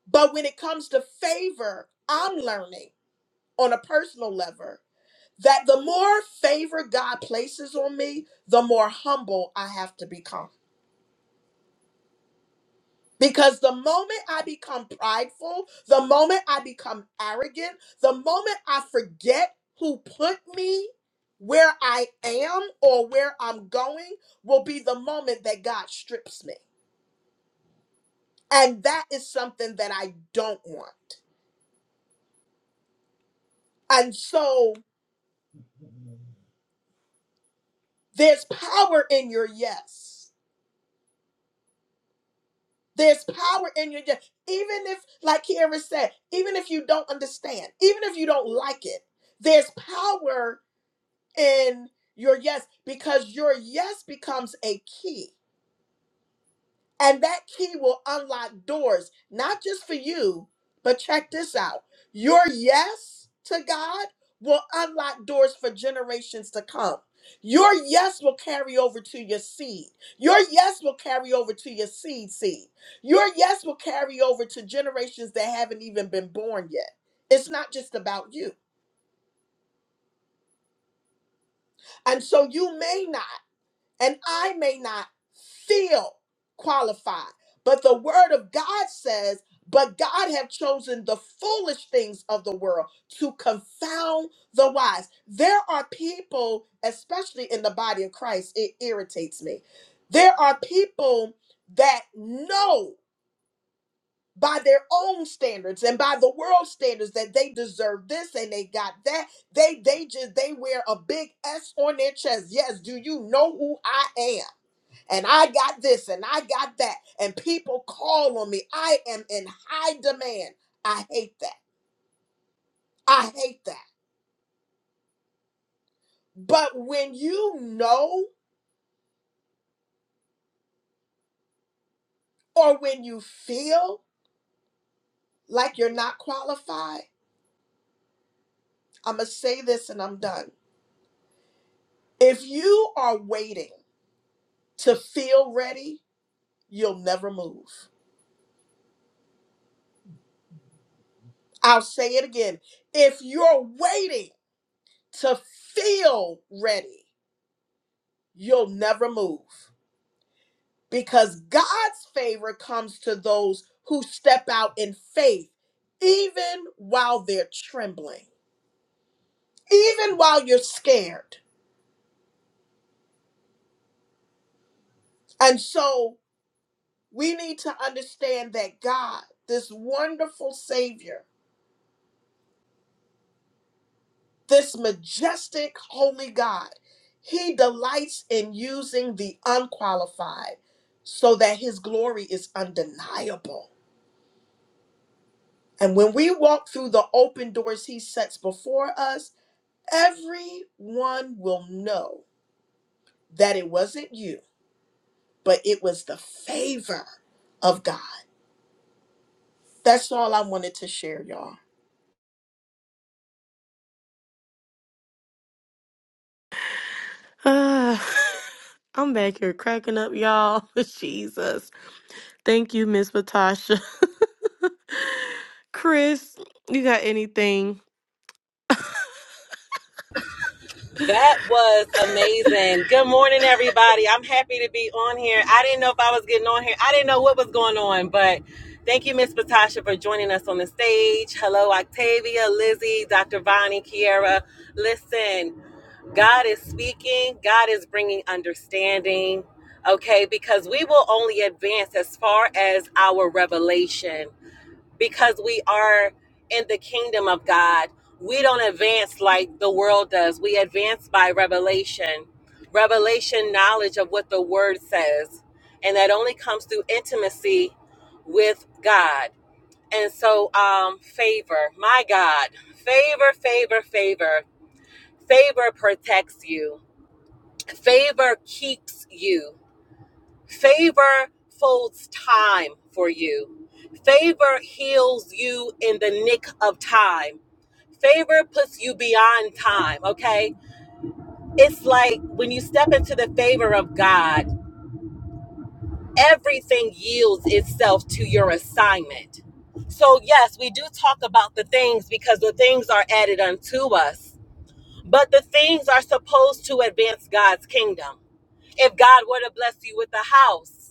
Speaker 2: But when it comes to favor, I'm learning on a personal level that the more favor God places on me, the more humble I have to become Because the moment I become prideful, the moment I become arrogant, the moment I forget who put me where I am or where I'm going, will be the moment that God strips me. And that is something that I don't want. And so there's power in your yes. There's power in your yes. Even if, like Kiara said, even if you don't understand, even if you don't like it, there's power in your yes because your yes becomes a key. And that key will unlock doors, not just for you, but check this out. Your yes to God will unlock doors for generations to come. Your yes will carry over to your seed. Your yes will carry over to your seed seed. Your yes will carry over to generations that haven't even been born yet. It's not just about you. And so you may not. and I may not feel qualified. But the word of God says, but God have chosen the foolish things of the world to confound the wise. There are people, especially in the body of Christ, it irritates me. There are people that know by their own standards and by the world standards that they deserve this and they got that. They they just they wear a big S on their chest. Yes, do you know who I am? and I got this and I got that, and people call on me. I am in high demand. I hate that. I hate that. But when you know or when you feel like you're not qualified, I'm going to say this and I'm done. If you are waiting to feel ready, you'll never move. I'll say it again. If you're waiting to feel ready, you'll never move. because God's favor comes to those who step out in faith, even while they're trembling, even while you're scared. And so we need to understand that God, this wonderful Savior, this majestic, holy God, He delights in using the unqualified so that His glory is undeniable. And when we walk through the open doors He sets before us, everyone will know that it wasn't you, but it was the favor of God. That's all I wanted to share, y'all.
Speaker 1: I'm back here cracking up, y'all. Jesus. Thank you, Miss Patasha. Chris, you got anything?
Speaker 3: That was amazing. Good morning, everybody. I'm happy to be on here. I didn't know if I was getting on here. I didn't know what was going on, but thank you, Miss Patasha, for joining us on the stage. Hello, Octavia, Lizzie, Dr. Bonnie, Kiara. Listen, God is speaking. God is bringing understanding. Okay, because we will only advance as far as our revelation because we are in the kingdom of God. We don't advance like the world does. We advance by revelation, revelation knowledge of what the word says. And that only comes through intimacy with God. And so, um, favor, my God, favor, favor, favor, favor protects you, favor keeps you. Favor folds time for you. Favor heals you in the nick of time. Favor puts you beyond time, okay? It's like when you step into the favor of God, everything yields itself to your assignment. So, yes, we do talk about the things because the things are added unto us, but the things are supposed to to advance God's kingdom. If God were to bless you with a house.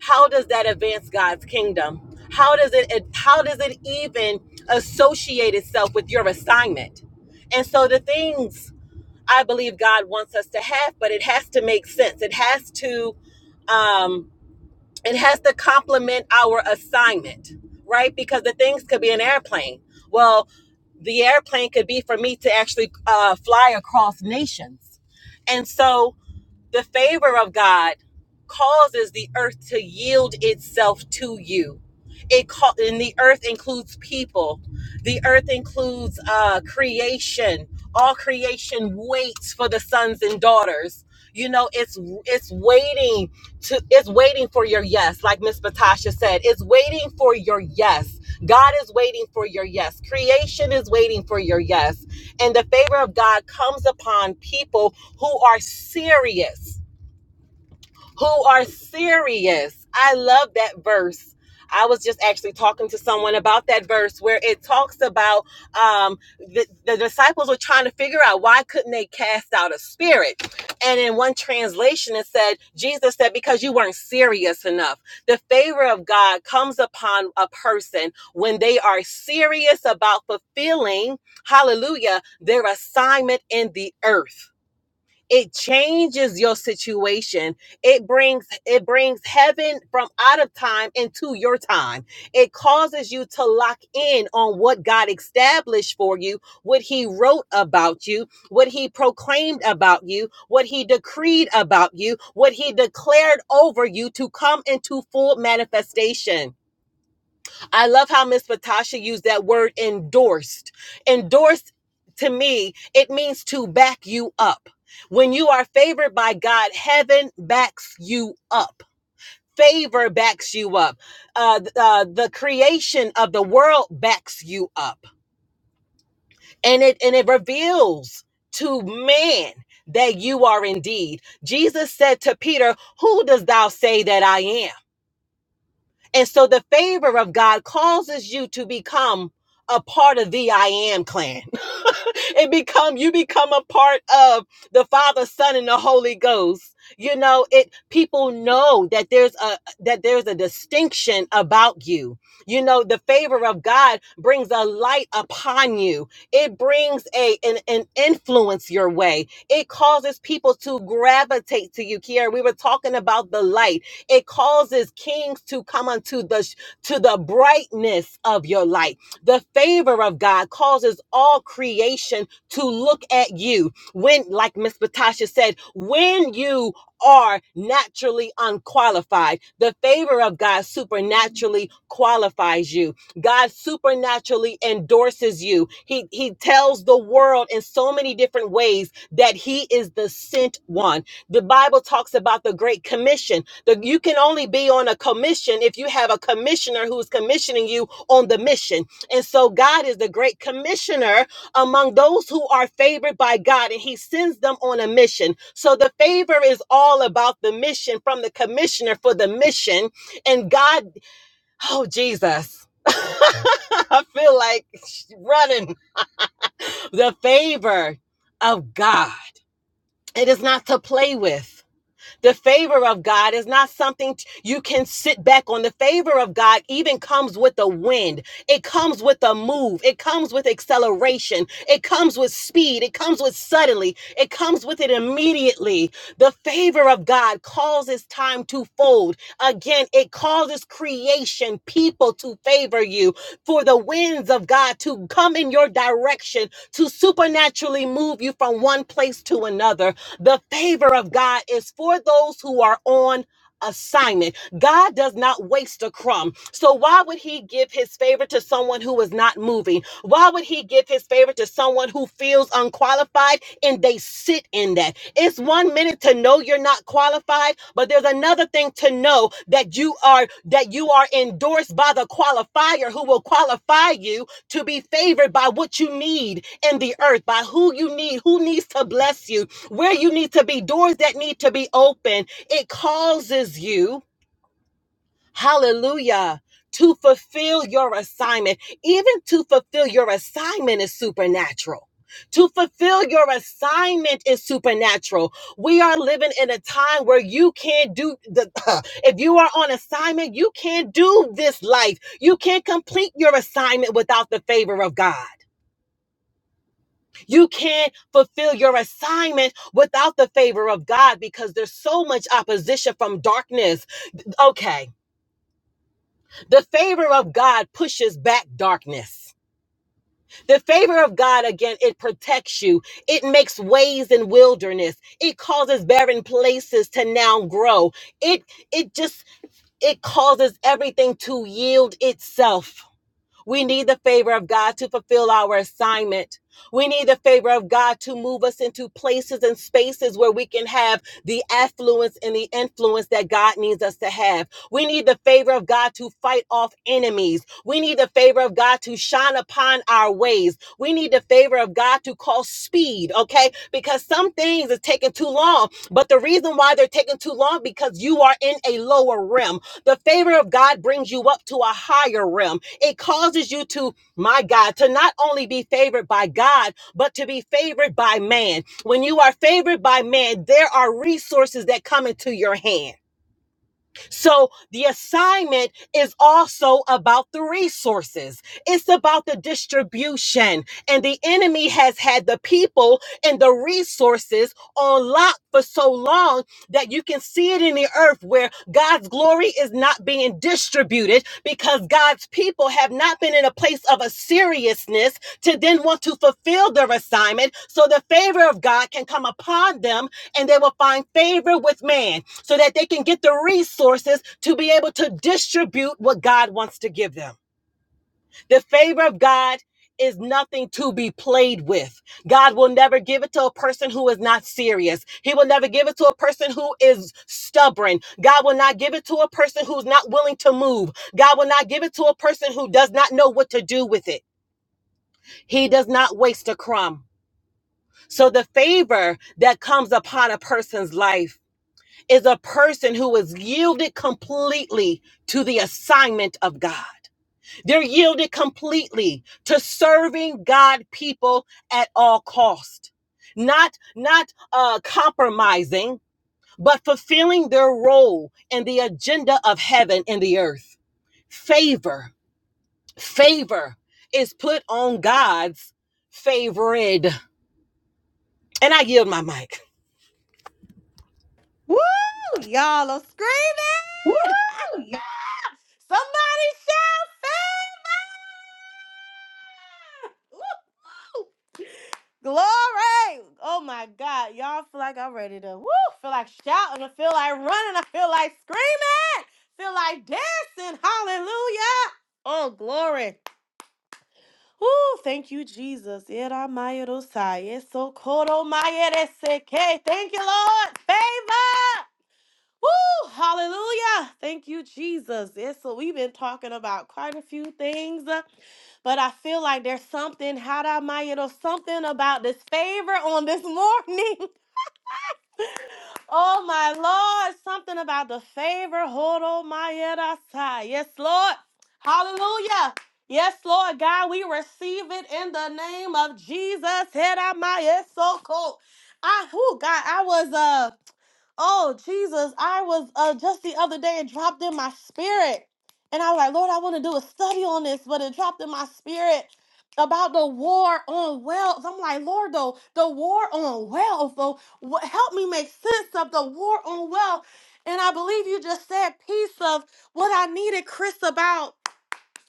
Speaker 3: how does that advance God's kingdom? How does it, it- how does it even associate itself with your assignment? And so the things I believe God wants us to have, but it has to make sense. It has to um it has to complement our assignment, right? Because the things could be an airplane. Well, the airplane could be for me to actually uh, fly across nations. And so the favor of God causes the earth to yield itself to you. It call, and the earth includes people. The earth includes uh, creation. All creation waits for the sons and daughters. You know, it's it's waiting to it's waiting for your yes, like Miss Patasha said. It's waiting for your yes. God is waiting for your yes. Creation is waiting for your yes. And the favor of God comes upon people who are serious who are serious. I love that verse. I was just actually talking to someone about that verse where it talks about um, the, the disciples were trying to figure out why couldn't they cast out a spirit. And in one translation, it said, Jesus said, because you weren't serious enough. The favor of God comes upon a person when they are serious about fulfilling, hallelujah, their assignment in the earth it changes your situation it brings it brings heaven from out of time into your time it causes you to lock in on what god established for you what he wrote about you what he proclaimed about you what he decreed about you what he declared over you to come into full manifestation I love how Miss Patasha used that word endorsed. Endorsed to me, it means to back you up. When you are favored by God, heaven backs you up. Favor backs you up. Uh, uh, the creation of the world backs you up, and it and it reveals to man that you are indeed. Jesus said to Peter, "Who does thou say that I am?" And so the favor of God causes you to become a part of the I am clan. it become you become a part of the Father, Son, and the Holy Ghost. You know, it people know that there's a that there's a distinction about you. You know, the favor of God brings a light upon you. It brings a an, an influence your way. It causes people to gravitate to you. Kiara, we were talking about the light it causes kings to come unto the to the brightness of your light. The favor of God causes all creation to look at you. When, like Miss Patasha said, when you are naturally unqualified, the favor of God supernaturally qualifies you. God supernaturally endorses you. He he tells the world in so many different ways that he is the sent one. The Bible talks about the great commission. The, you can only be on a commission if you have a commissioner who's commissioning you on the mission. And so God is the great commissioner among those who are favored by God, and He sends them on a mission. So the favor is all about the mission from the commissioner for the mission. And God, oh, Jesus, I feel like running the favor of God. It is not to play with. The favor of God is not something t- you can sit back on. The favor of God even comes with a wind, it comes with a move, it comes with acceleration, it comes with speed, it comes with suddenly, it comes with it immediately. The favor of God causes time to fold. Again, it causes creation, people to favor you for the winds of God to come in your direction to supernaturally move you from one place to another. The favor of God is for those who are on assignment. God does not waste a crumb. So why would he give his favor to someone who is not moving? Why would he give his favor to someone who feels unqualified and they sit in that. It's one minute to know you're not qualified, but there's another thing to know that you are that you are endorsed by the qualifier who will qualify you to be favored by what you need in the earth, by who you need, who needs to bless you, where you need to be, doors that need to be open. It causes you Hallelujah. To fulfill your assignment, even to fulfill your assignment is supernatural. To fulfill your assignment is supernatural. We are living in a time where you can't do the if you are on assignment, you can't do this life. You can't complete your assignment without the favor of God. You can't fulfill your assignment without the favor of God because there's so much opposition from darkness. Okay The favor of God pushes back darkness. The favor of God, again, it protects you. It makes ways in wilderness. It causes barren places to now grow. It it just it causes everything to yield itself. We need the favor of God to fulfill our assignment. We need the favor of God to move us into places and spaces where we can have the affluence and the influence that God needs us to have. We need the favor of God to fight off enemies. We need the favor of God to shine upon our ways. We need the favor of God to call speed, okay? Because some things is taking too long, but the reason why they're taking too long because you are in a lower realm. The favor of God brings you up to a higher realm. It causes you to, my God, to not only be favored by God, but to be favored by man. When you are favored by man, there are resources that come into your hand. So the assignment is also about the resources. It's about the distribution. And the enemy has had the people and the resources on lock for so long that you can see it in the earth where God's glory is not being distributed because God's people have not been in a place of a seriousness to then want to fulfill their assignment so the favor of God can come upon them and they will find favor with man so that they can get the resources to be able to distribute what God wants to give them. The favor of God is nothing to be played with. God will never give it to a person who is not serious. He will never give it to a person who is stubborn. God will not give it to a person who's not willing to move. God will not give it to a person who does not know what to do with it. He does not waste a crumb. So the favor that comes upon a person's life is a person who is yielded completely to the assignment of God. They're yielded completely to serving God people at all cost. Not not uh compromising, but fulfilling their role in the agenda of heaven and the earth. Favor, favor is put on God's favored. And I yield my mic.
Speaker 1: Woo! Y'all are
Speaker 3: Woo,
Speaker 1: screaming! Somebody shout favor! Woo! woo. Glory! Oh my God, y'all feel like I'm ready to woo! Feel like shouting, I feel like running, I feel like screaming, feel like dancing. Hallelujah! Oh glory! Oh, thank you, Jesus. Eramayerosai, esokoromayereseke. Thank you, Lord. Favor. Woo! Hallelujah. Thank you, Jesus. Yes, so we've been talking about quite a few things, uh, but I feel like there's something, how did I, something about this favor on this morning. Oh my Lord, something about the favor. Hold on, my head outside. Yes, Lord. Hallelujah. Yes, Lord God, we receive it in the name of Jesus. Head out my head so cold. I who God, I was uh oh Jesus, I was uh just the other day it dropped in my spirit. And I was like, Lord, I want to do a study on this, but it dropped in my spirit about the war on wealth. I'm like, Lord, though, the war on wealth, though, wh- help me make sense of the war on wealth. And I believe you just said piece of what I needed Chris about.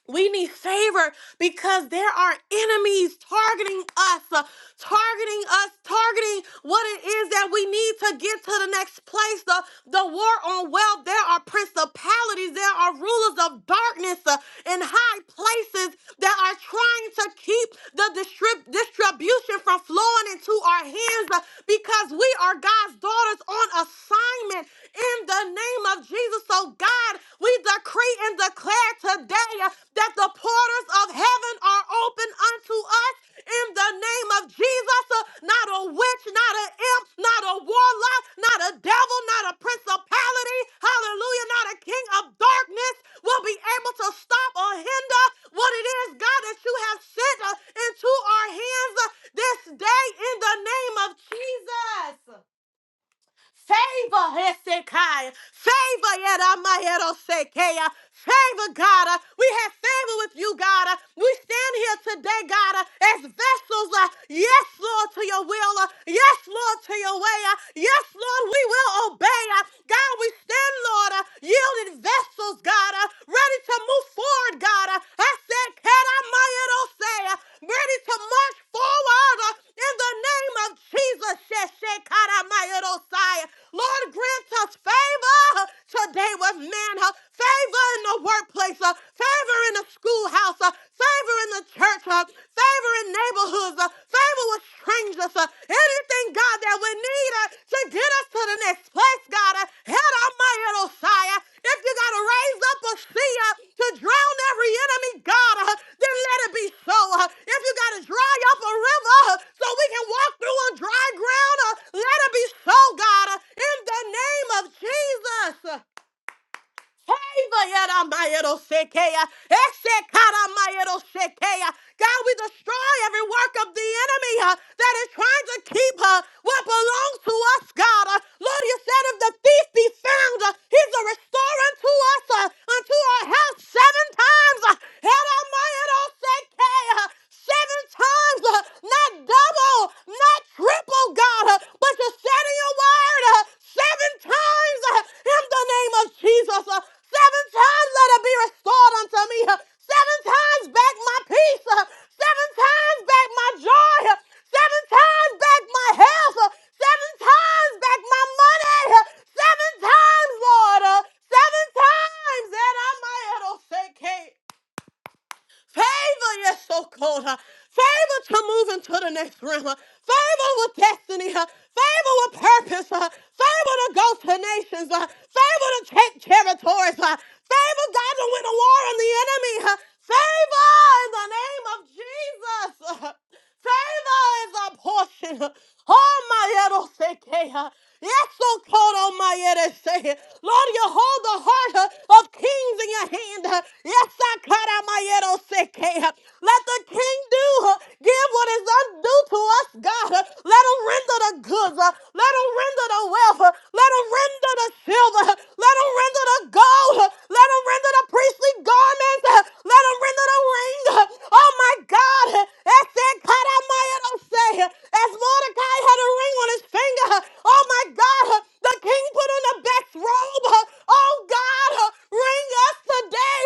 Speaker 1: We need favor because there are enemies targeting us, uh, targeting us, targeting what it is that we need to get to the next place. The, the war on wealth, there are principalities, there are rulers of darkness uh, in high places that are trying to keep the distrib- distribution from flowing into our hands uh, because we are God's daughters on assignment in the name of Jesus. Jesus. So, God, we decree and declare today uh, that the portals of heaven are open unto us in the name of Jesus. Uh, Not a witch, not an imp, not a warlock, not a devil, not a principality, hallelujah, not a king of darkness will be able to stop or hinder what it is, God, that you have sent uh, into our hands uh, this day in the name of Jesus. Favor, Hezekiah. Favor, Yadamayedosakea. Favor, God. Uh, We have favor with you, God. Uh, We stand here today, God, uh, as vessels. uh, Yes, Lord, to your will. uh, Yes, Lord, to your way. uh, Yes, Lord, we will obey. uh, God, we stand, Lord, uh, yielded vessels, God, uh, ready to move forward Lord God. uh, I said, can I, my little say, uh, ready to march forward uh, in the name of Jesus. Shekara, my little side. Lord, grant us favor uh, today with men, uh, favor in the workplace, uh, favor in the schoolhouse, uh, favor in the church, uh, favor in neighborhoods, uh, favor with strangers brings us uh, anything, God, that we need uh, to get us to the next place, God. Uh, Head on my little sire. If you got to raise up a sea uh, to drown every enemy, God, uh, then let it be so. Uh, if you got to dry up a river uh, so we can walk through on dry ground, uh, let it be so, God, uh, in the name of Jesus. Favor, yadamayadoshekeya, eshekaramayadosekeya. God, we destroy every work of the enemy uh, that is trying to keep uh, what belongs to us, God. Uh, Lord, you said if the thief be found, uh, he's a restorer unto us, uh, unto our health seven times. Uh, yadamayadoshekeya seven times, uh, not double, not triple, God, uh, but you said in your word uh, seven times uh, in the name of Jesus. uh, seven times let it be restored unto me. uh, seven times back my peace. uh, seven times back my joy. uh, seven times back my health. uh, seven times back my money. uh, seven times, Lord. uh, seven times. And I might, I don't Favor, yes, so called. huh? Favor to move into the next realm. huh? Favor with destiny. uh, Favor with purpose. uh, Favor to go to nations. uh, Favor to take territories. uh, Favor, God, to win a war on the enemy. uh, Favor in the name of Jesus. Favor is a portion. Oh, my Edosekea. Yes, oh, God, oh, my Edosea. Lord, you hold the heart uh, of kings in your hand. uh. Yes, I cut out my Edosekea. Let the king do, uh, give what is undue to us, God. uh. Let him render the goods. uh. Let him render the wealth. uh. Let him render the silver. uh. Let him render the gold. uh. Let them render the priestly garments. Let them render the ring. Oh my God. As said, cut out my say. As Mordecai had a ring on his finger. Oh my God. The king put on the best robe. Oh God. Ring us today.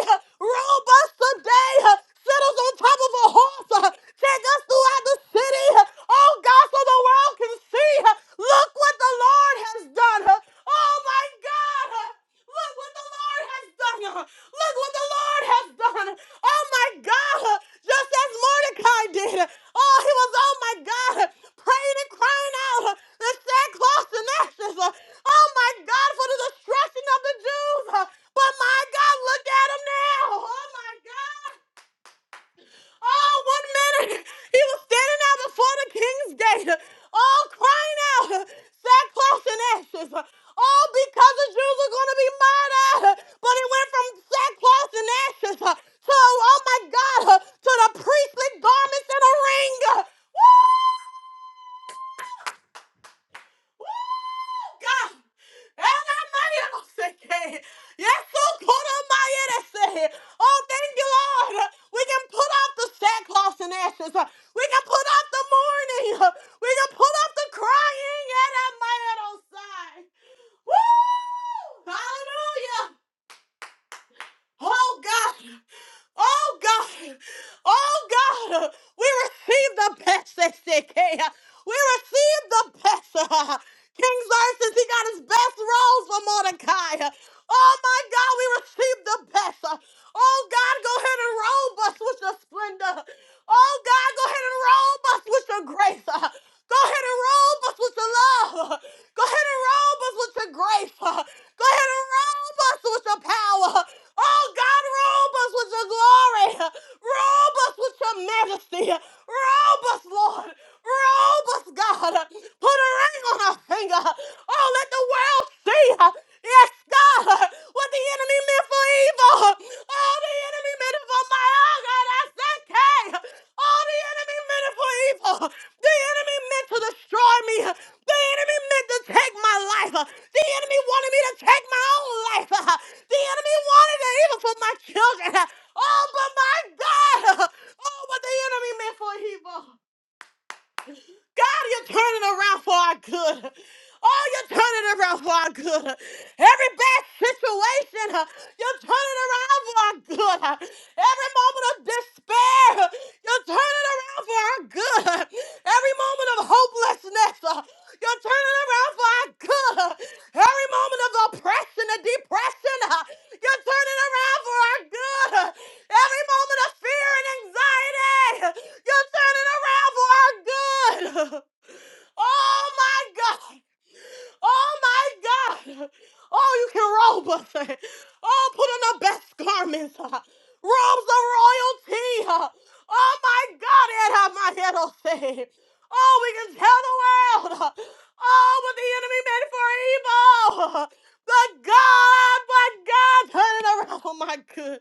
Speaker 1: Robe us today. Sit us on top of a horse. Take us throughout the city. Oh God, so the world can see. Look what the Lord has done. Oh my. My God! Look what the Lord has done! Look what the Lord has done! Oh my God! Just as Mordecai did. Oh, he was, oh my God, praying and crying out the sackcloth and ashes. Oh my God, for the destruction of the Jews. But my God, look at him now. Oh my God. Oh, one minute he was standing out before the king's gate, all crying out, sackcloth and ashes. All because the Jews are going to be murdered. But it went from sackcloth and ashes to, oh my God, to the priestly garments and a ring. Woo! Woo, God. Elamaya-seke. Yesukoromaya-seke. Oh, Koramaya. Oh, thank you, Lord. We can put off the sackcloth and ashes. We can put off the mourning. We can put off the crying. Elamaya-dosai. Woo! Hallelujah! Oh God, oh God, oh God, we receive the best, SDK. We receive the best. King Xerxes, he got his best rose for Mordecai. Oh my God, we receive the best. Oh God, go ahead and robe us with your splendor. Oh God, go ahead and robe us with your grace. Go ahead and robe us with your love. Go ahead and robe us with your grace. Go ahead and robe us with your power. Oh God, robe us with your glory. Robe us with your majesty. Robe us, Lord. Robe us, God. Put a ring on our finger. Oh, let the world see. Yes, God. What the the enemy meant for evil, all the enemy meant for my oh God, I said, okay. All the enemy meant it for evil. The enemy meant to destroy me. The enemy meant to take my life. The enemy wanted me to take my own life. The enemy wanted it even for my children. Oh, but my God. Oh, what the enemy meant for evil. God, you're turning around for our good. Oh, you're turning around for our good. Every bad situation, uh, you're turning around for our good. Every moment of despair, you're turning around for our good. Every moment of hopelessness, uh, You're turning around for our good. Every moment of oppression and depression, uh, you're turning around for our good. Every moment of fear and anxiety, you're turning around for our good. Oh my God. Oh my God. Oh, you can robe us. Oh, put on the best garments. uh, Robes of royalty. uh, Oh my God, it had my head on say. Oh, we can tell the world. uh, Oh, what the enemy meant for evil. uh, But God, but God turned it around. Oh my good.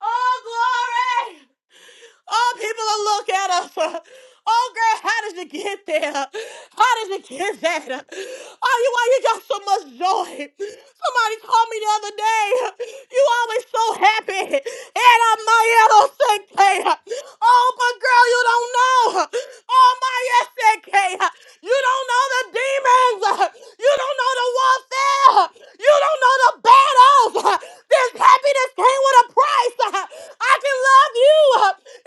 Speaker 1: Oh, glory. Oh, people will look at us. Oh, girl, how did you get there? How did you get that? Oh, you, why you got so much joy? Somebody told me the other day, you always so happy. And I'm my say, Oh, but girl, you don't know. Oh my SK. You don't know the demons. You don't know the warfare. You don't know the battles. This happiness came with a price. I can love you.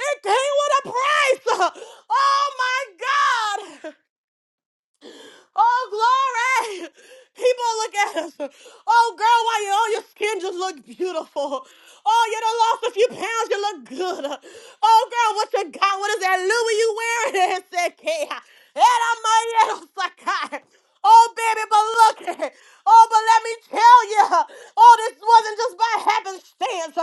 Speaker 1: It came with a price. Oh my God. Oh, glory! People look at us. Oh, girl, why you, oh, your skin just look beautiful. Oh, you done lost a few pounds, you look good. Oh, girl, what you got? What is that Louis you wearing? It said, "K." And I'm like, "Yeah." Oh, baby, but look. Oh, but let me tell you. Oh, this wasn't just by happenstance.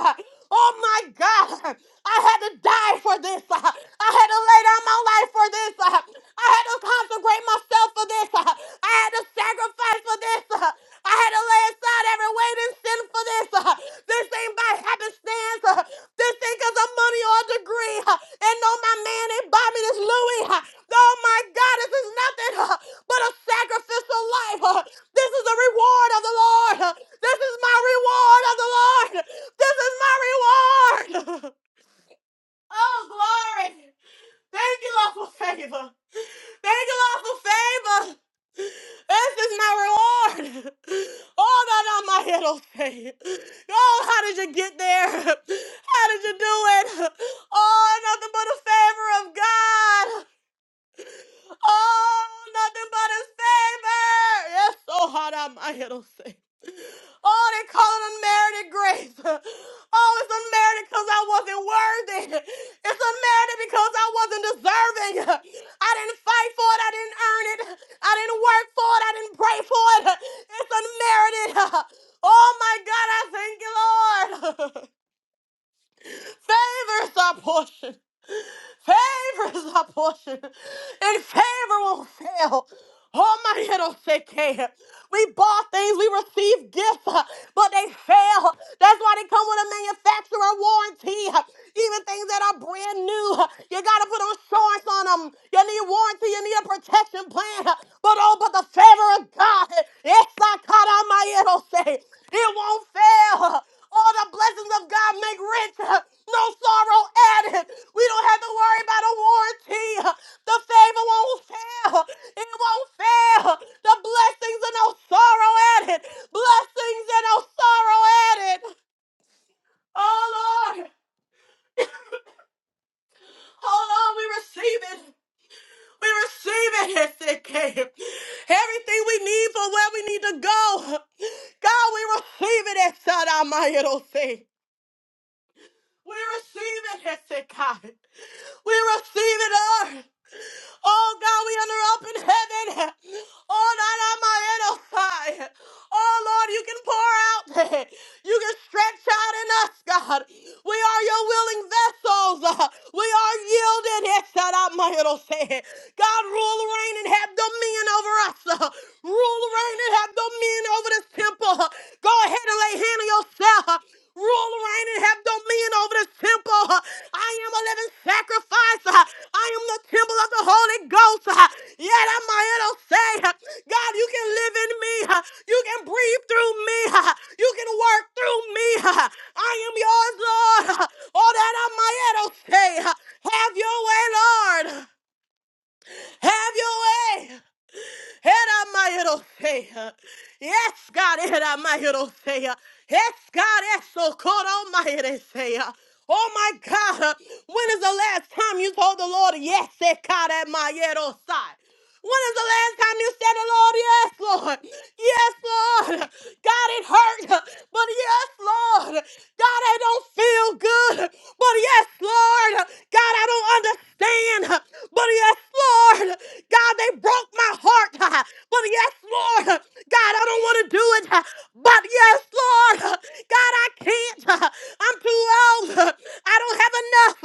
Speaker 1: Oh, my God. I had to die for this. I had to lay down my my life for this. Uh, I had to consecrate myself for this. Uh, I had to sacrifice for this. Uh, I had to lay aside every weight and sin for this. Uh, this ain't by happenstance. Uh, this thing is a money or a degree. Uh, and no, my man ain't buy me this Louis. Uh, oh my God, this is nothing uh, but a sacrificial life. Uh, this is the reward of the Lord. Uh, this is my reward of the Lord. This is my reward. Oh, glory. Thank you, Lord, for favor. Thank you, Lord, for favor. This is my reward. Oh, that on my head okay? Oh, how did you get there? How did you do it? Oh, nothing but the favor of God. Oh, nothing but his favor. Yes, oh, hot out my head, oh, say. Oh, they call it unmerited grace. Oh, it's unmerited because I wasn't worthy. It's unmerited because I wasn't deserving. I didn't fight for it. I didn't earn it. I didn't work for it. I didn't pray for it. It's unmerited. Oh my God, I thank you, Lord. Favor is our portion. Favor is our portion. And favor won't fail. Oh my little sick hand. We bought things, we received gifts, uh, but they fail. That's why they come with a manufacturer warranty. uh, Even things that are brand new, uh, you gotta put insurance on them. You need warranty, you need a protection plan. But oh, but the favor of God, yes, I caught on my it'll say, it won't fail. All the blessings of God make rich, no sorrow added. We don't have to worry about a warranty. The favor won't fail. It won't fail. The blessings and no sorrow added. Blessings and no sorrow added. Oh Lord, oh Lord, we receive it. We receive it, as it came Everything we need for where we need to go. God, we receive it, Esadamayorose. We receive it, Hezekiah. We receive it, Lord. Oh God, we under up in heaven. Oh, not on my head, oh God. Oh Lord, you can pour out. You can stretch out in us, God. We are your willing vessels. We are yielding. Yes, that on my might oh, God, rule, reign, and have dominion over us. Rule, reign, and have dominion over this temple. Go ahead and lay hand on yourself. Rule, reign, and have dominion over this temple. I am a living sacrifice. I am the temple of the Holy Ghost. Yet am I it'll say, God, you can live in me. You can breathe through me. You can work through me. I am yours, Lord. All that I might it'll say, have your way, Lord. Have your way. Eramayorosea. Yes, God, eramayorosea. Yes, God, esokoromayorosea. Oh my God, when is the last time you told the Lord, yes, ekaremayorosai? When is the last time you said, Lord, yes, Lord, yes, Lord, God, it hurt, but yes, Lord, God, I don't feel good, but yes, Lord, God, I don't understand. But yes, Lord, God, they broke my heart. But yes, Lord, God, I don't want to do it. But yes, Lord, God, I can't. I'm too old. I don't have enough.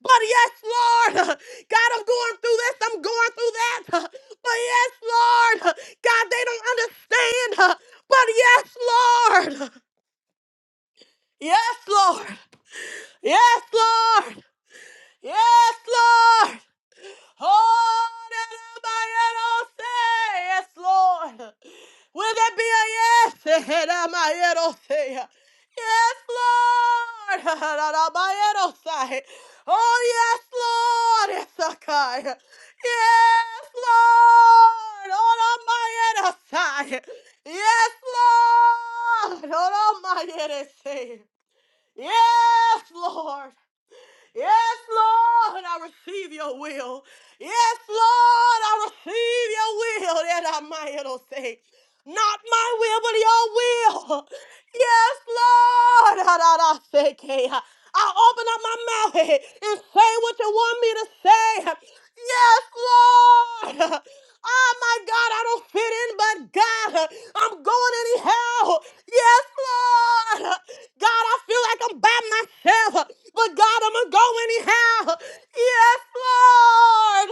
Speaker 1: But yes, Lord, God, I'm going through this. I'm going through that. But yes, Lord, God, they don't understand. But yes, Lord. Yes, Lord. Yes, Lord. Yes, Lord. Oh, that I might say, yes, Lord. Will there be a yes? That I might say, yes, Lord. That I might say, oh, yes, Lord. Yes, okay. Yes, Lord. Oh, that I might say, yes, Lord. Oh, that I might say, yes, Lord. Yes, Lord, I receive your will. Yes, Lord, I receive your will. That I might it'll say, not my will, but your will. Yes, Lord, I, I, I say, okay, I I open up my mouth and say what you want me to say. Yes, Lord. Oh my God, I don't fit in, but God, I'm going anyhow. Yes, Lord. God, I feel like I'm by myself, but God, I'm going to go anyhow. Yes, Lord.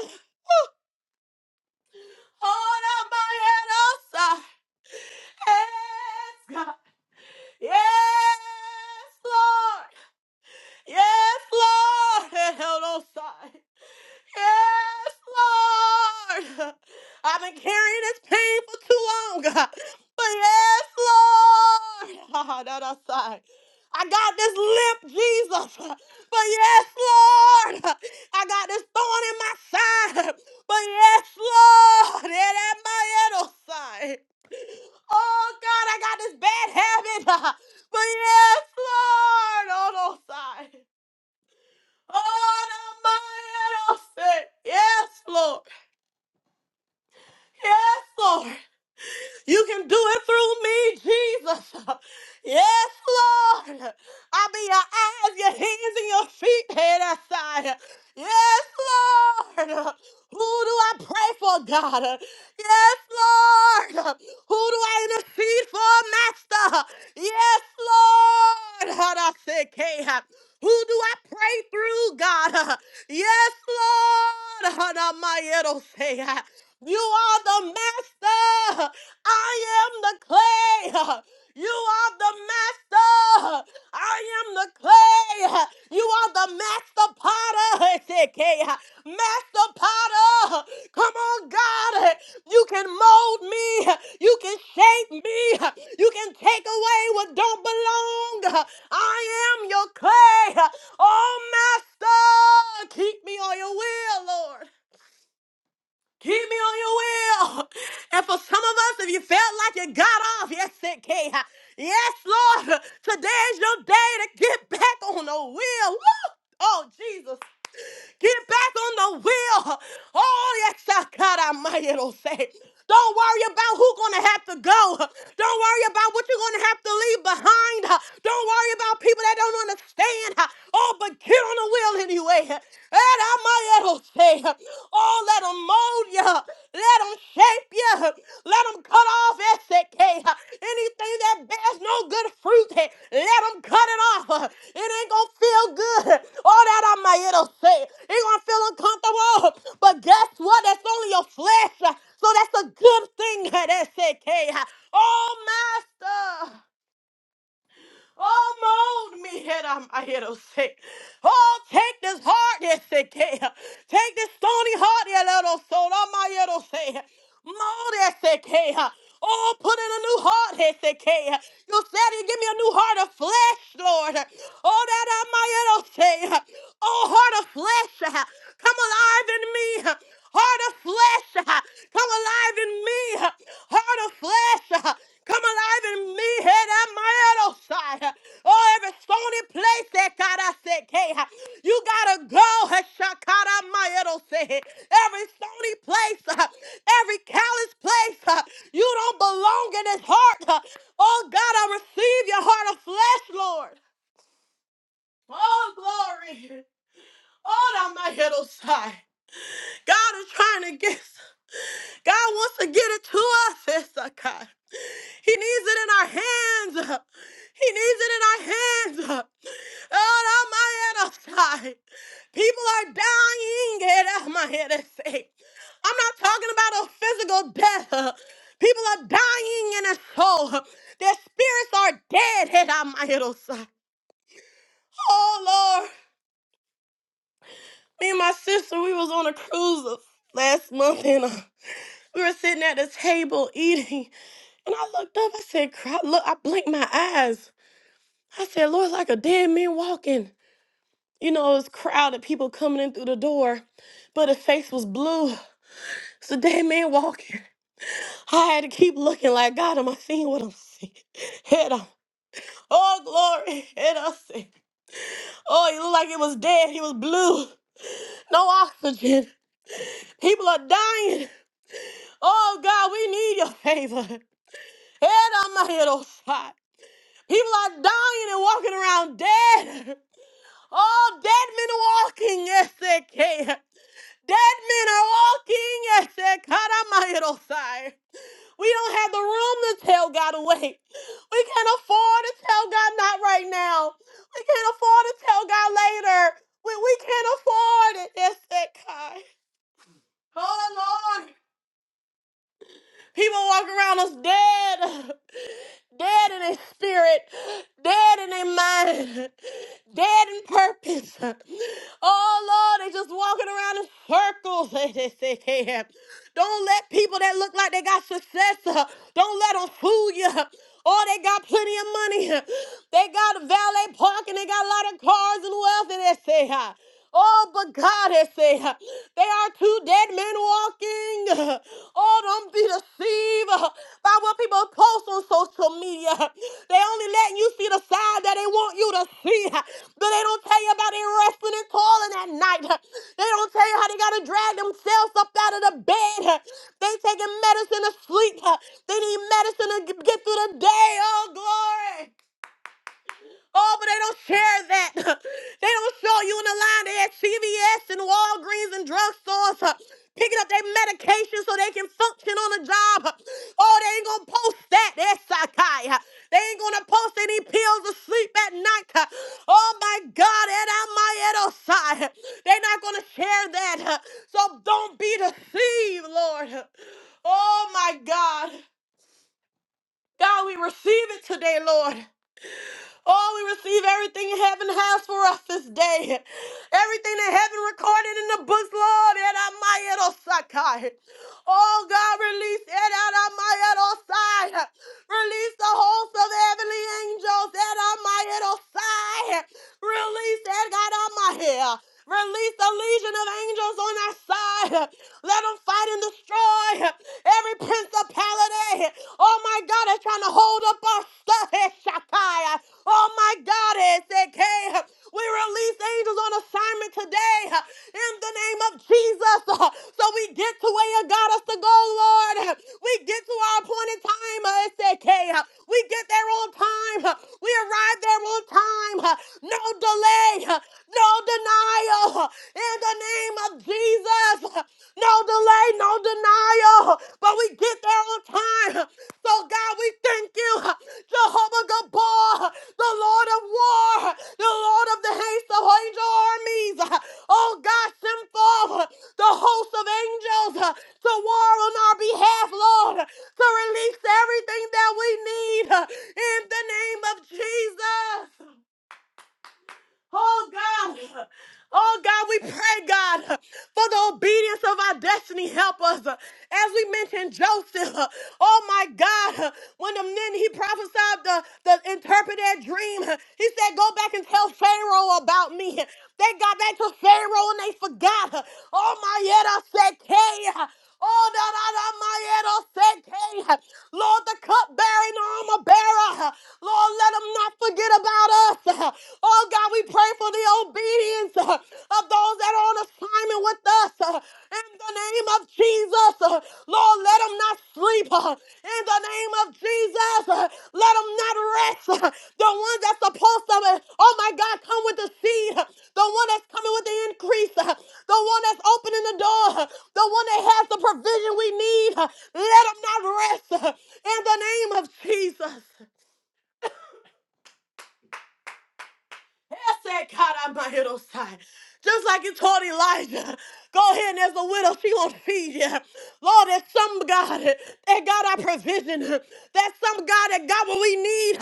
Speaker 1: Hold up my head outside. Yes, God. Yes, Lord. Yes, Lord. Held outside. Yes, Lord. I've been carrying this pain for too long, God. But yes, Lord. That outside. I got this limp, Jesus. But yes, Lord. I got this thorn in my side. But yes, Lord. It at my other side. Oh, God, I got this bad habit. But yes, Lord. On all side. Oh, my head Yes, Lord. Yes, Lord. You can do it through me, Jesus. Yes, Lord. I'll be your eyes, your hands, and your feet, head outside. Yes, Lord. Who do I pray for, God? Yes, Lord. Who do I intercede for, Master? Yes, Lord. How do I say, K? Who do I pray through, God? Yes, Lord. How do I my it say? You are the master. I am the clay. You are the master. I am the clay. You are the master potter. Master potter. Come on, God. You can mold me. You can shape me. You can take away what don't belong. I am your clay. Oh, master. Keep me on your will, Lord. Keep me on your will. And for some of us, if you felt like you got off, yes, it can. Yes, Lord, today is your day to get back on the wheel. Woo! Oh, Jesus. Get back on the wheel. Oh, yes, I God, I might it'll say. Don't worry about who's gonna have to go. Don't worry about what you're gonna have to leave behind. Don't worry about people that don't understand. Oh, but get on the wheel anyway. And I might it'll say. Oh, let 'em mold you. Let 'em Savior. Let them cut off SK. Anything that bears no good fruit, eh, let them cut it off. It ain't gonna feel good. All that I might it'll say. It gonna feel uncomfortable. But guess what? That's only your flesh. So that's a good thing at SK. Oh master. Oh, mold me, head on my head, oh, sick. Oh, take this hardness, sick. yeah. Take this stony heart, yeah, little soul, on my head, oh, sick. Mold that, sick. yeah. Oh, put in a new heart, head, sick. yeah. You said you give me a new heart of flesh, Lord. Oh, that on my head, oh, Oh, heart of flesh, uh, come alive in me. Heart of flesh, uh, come alive in me. Heart of flesh. Come alive in me, head and my other side. Oh, every stony place that God I said, hey, you gotta go. Hashakara my other side. every stony place, uh, every callous place, uh, you don't belong in His heart. uh. Oh God, I receive your heart of flesh, Lord. Oh glory. Oh, on my other side. God is trying to get. God wants to get it to us, Issachar. He needs it in our hands. He needs it in our hands. Oh, not my head outside. People are dying. Get out my head and say. I'm not talking about a physical death. People are dying in their soul. Their spirits are dead. Head out my head outside. Oh, Lord. Me and my sister, we was on a cruise last month, and uh, we were sitting at the table eating. And I looked up, I said, "Cro- look, I blinked my eyes. I said, Lord, like a dead man walking. You know, it was crowded, people coming in through the door, but his face was blue. It's a dead man walking. I had to keep looking like, God, am I seeing what I'm seeing? Head up. Oh, glory. Head up. Oh, he looked like it was dead. He was blue. No oxygen. People are dying. Oh, God, we need your favor. Head on my head, oh, side. People are dying and walking around dead. Oh, dead men are walking, yes, they can. Dead men are walking, yes, they can. I'm out of sight. We don't have the room to tell God to wait. We can't afford to tell God not right now. We can't afford to tell God later. We, we can't afford it, yes, they can. Oh, Lord. People walk around us dead, dead in their spirit, dead in their mind, dead in purpose. Oh Lord, they just walking around in circles. They say, Don't let people that look like they got success, uh, don't let them fool you. Oh, they got plenty of money. They got a valet parking. They got a lot of cars and wealth. And they say, "Hi." Oh, but God has said they are two dead men walking. Oh, don't be deceived by what people post on social media. They only letting you see the side that they want you to see. But they don't tell you about their wrestling and toiling at night. They don't tell you how they gotta drag themselves up out of the bed. They taking medicine to sleep. They need medicine to get get through the day. Oh, glory. Oh, but they don't share that. they don't show you in the line They at CVS and Walgreens and drugstores uh, picking up their medication so they can function on the job. Oh, they ain't gonna post that. That's Sakai. They ain't gonna post any pills to sleep at night. uh. Oh my God, and I'm my side. They're not gonna share that. uh. So don't be deceived, Lord. Oh my God. God, we receive it today, Lord. Oh, we receive everything heaven has for us this day. Everything that heaven recorded in the books, Lord. And I Sakai. Oh God, release it out of my side. Release the host of heavenly angels out of my side. Release it God, of my hair. Release the legion of angels on our side. Let them fight and destroy every principality. Oh my God, that's trying to hold up our stuff. Oh my God, SK. We release angels on assignment today uh, in the name of Jesus. uh, So we get to where you got us to go, Lord. huh. We get to our appointed time, uh, SK. uh, We get there on time. uh, We arrive there on time. uh, No delay, uh, no denial. uh, In the name of Jesus. uh, No delay, no denial. uh, But we get there on time. uh, so, God, we thank you, uh, Jehovah Baal, the Lord of war, the Lord of the host of angel armies. Oh God, send forth the host of angels to war on our behalf, Lord, to release everything that we need in the name of Jesus. Oh God, oh God, we pray, God, for the obedience of our destiny helpers. As we mentioned Joseph, oh my God, when the men he prophesied the, the interpreted dream, he said, Go back and tell Pharaoh about me. They got back to Pharaoh and they forgot. Oh my yet I said, K. Oh, da da da, my seke. Lord, the cup bearing armor bearer. Lord, let them not forget about us. Oh, God, we pray for the obedience of those that are on assignment with us. In the name of Jesus, Lord, let them not sleep in the name of Jesus. uh, Let them not rest. uh, The ones that's supposed to, uh, oh my God, come with the seed. uh, The one that's coming with the increase. uh, The one that's opening the door. uh, The one that has the provision we need. uh, Let them not rest uh, in the name of Jesus. Just like you told Elijah, go ahead and there's a widow, she gonna feed you. Lord, there's some God that got our provision. There's some God that got what we need.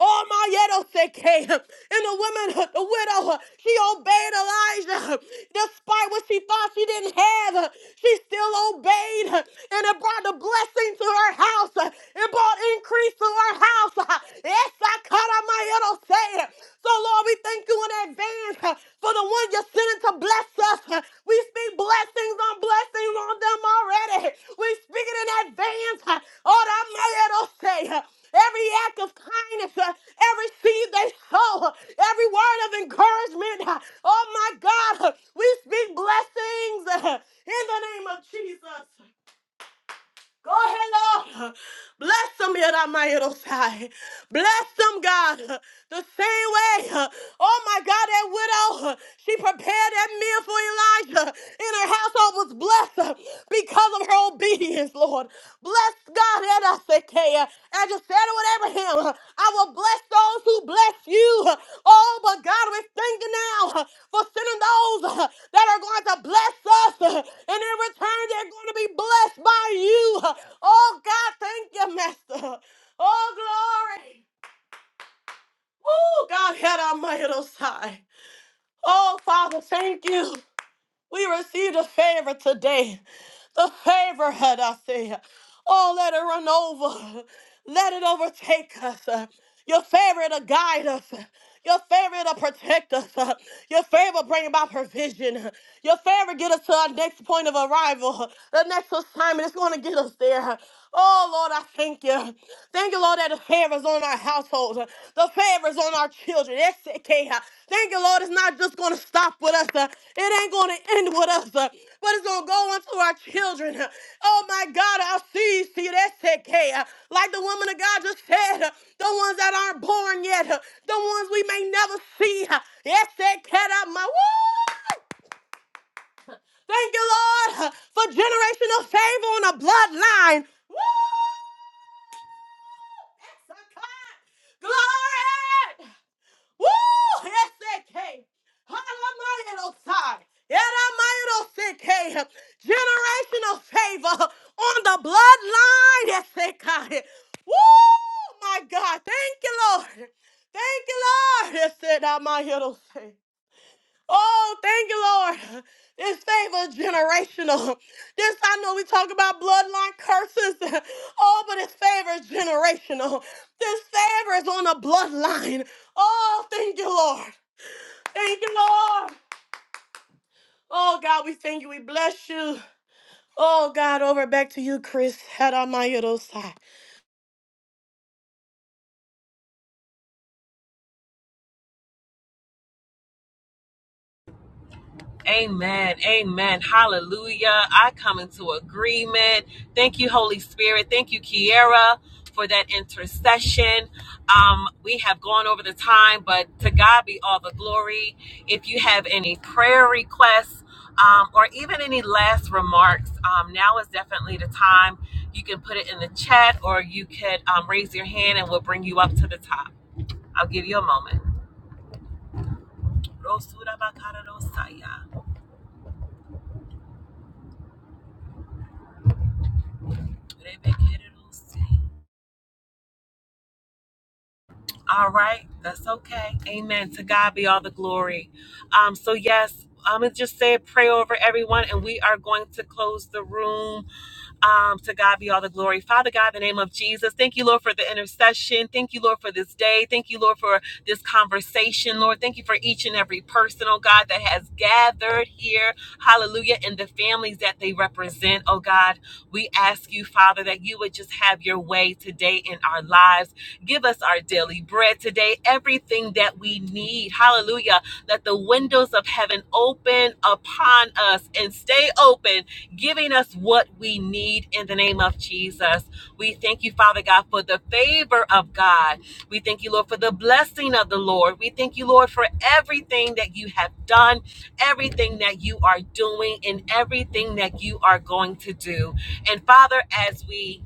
Speaker 1: Oh my yedoseke. And the woman, the widow, she obeyed Elijah. Despite what she thought she didn't have, she still obeyed. And it brought the blessing to her house. It brought increase to our house. Yes, I caught out my little say. So, Lord, we thank you in advance uh, for the one you're sending to bless us. Uh, We speak blessings on blessings on them already. We speak it in advance. uh, Oh, that my little say. uh, Every act of kindness, uh, every seed they sow, uh, every word of encouragement. uh, Oh, my God, uh, we speak blessings uh, in the name of Jesus. Go ahead, Lord. Bless them, Yadamayadosai. Bless them, God. The same way, oh my God, that widow, she prepared that meal for Elijah, and her household was blessed because of her obedience, Lord. Bless God, I just said it with Abraham. I will bless those who bless you. Oh, but God, we thank you now for sending those that are going to bless us. And in return, they're going to be blessed by you. Oh, God, thank you, Master. Oh, glory. Oh, God, had our might on side. Oh, Father, thank you. We received a favor today. The favor had I say. Oh, let it run over. Let it overtake us. Your favor to guide us. Your favor to protect us. Your favor bring about provision. Your favor get us to our next point of arrival. The next assignment is going to get us there. Oh Lord, I thank you. Thank you, Lord, that the favor is on our households. uh, The favor is on our children. SK, uh, Thank you, Lord. It's not just going to stop with us. uh, It ain't going to end with us, uh, but it's going to go on to our children. uh, Oh, my God, our seeds see that's it. SK, uh, Like the woman of God just said, uh, the ones that aren't born yet, uh, the ones we may never see. uh, SK, uh, my woo! Thank you, Lord, for generational favor on a bloodline. Woo! That's a cut. Glory! Woo! S-A-K. Hallelujah. Yeramayrosekeh. Generational favor on the bloodline. Yes, Woo! My God. Thank you, Lord. Thank you, Lord. Yes, Oh, thank you, Lord. This favor is generational. This, I know we talk about bloodline curses. Oh, but this favor is generational. This favor is on a bloodline. Oh, thank you, Lord. Thank you, Lord. Oh, God, we thank you. We bless you. Oh, God, over back to you, Chris. Had on my
Speaker 3: Amen. Amen. Hallelujah. I come into agreement. Thank you, Holy Spirit. Thank you, Kiara, for that intercession. Um, we have gone over the time, but to God be all the glory. If you have any prayer requests um, or even any last remarks, um, now is definitely the time. You can put it in the chat or you could um, raise your hand and we'll bring you up to the top. I'll give you a moment. All right, that's okay. Amen. To God be all the glory. Um, so yes, I'm gonna just say a prayer over everyone, and we are going to close the room. Um, to God be all the glory. Father God, in the name of Jesus, thank you, Lord, for the intercession. Thank you, Lord, for this day. Thank you, Lord, for this conversation. Lord, thank you for each and every person, oh God, that has gathered here. Hallelujah, and the families that they represent, oh God. We ask you, Father, that you would just have your way today in our lives. Give us our daily bread today, everything that we need. Hallelujah. Let the windows of heaven open upon us and stay open, giving us what we need in the name of Jesus. We thank you, Father God, for the favor of God. We thank you, Lord, for the blessing of the Lord. We thank you, Lord, for everything that you have done everything that you are doing and everything that you are going to do. And Father, as we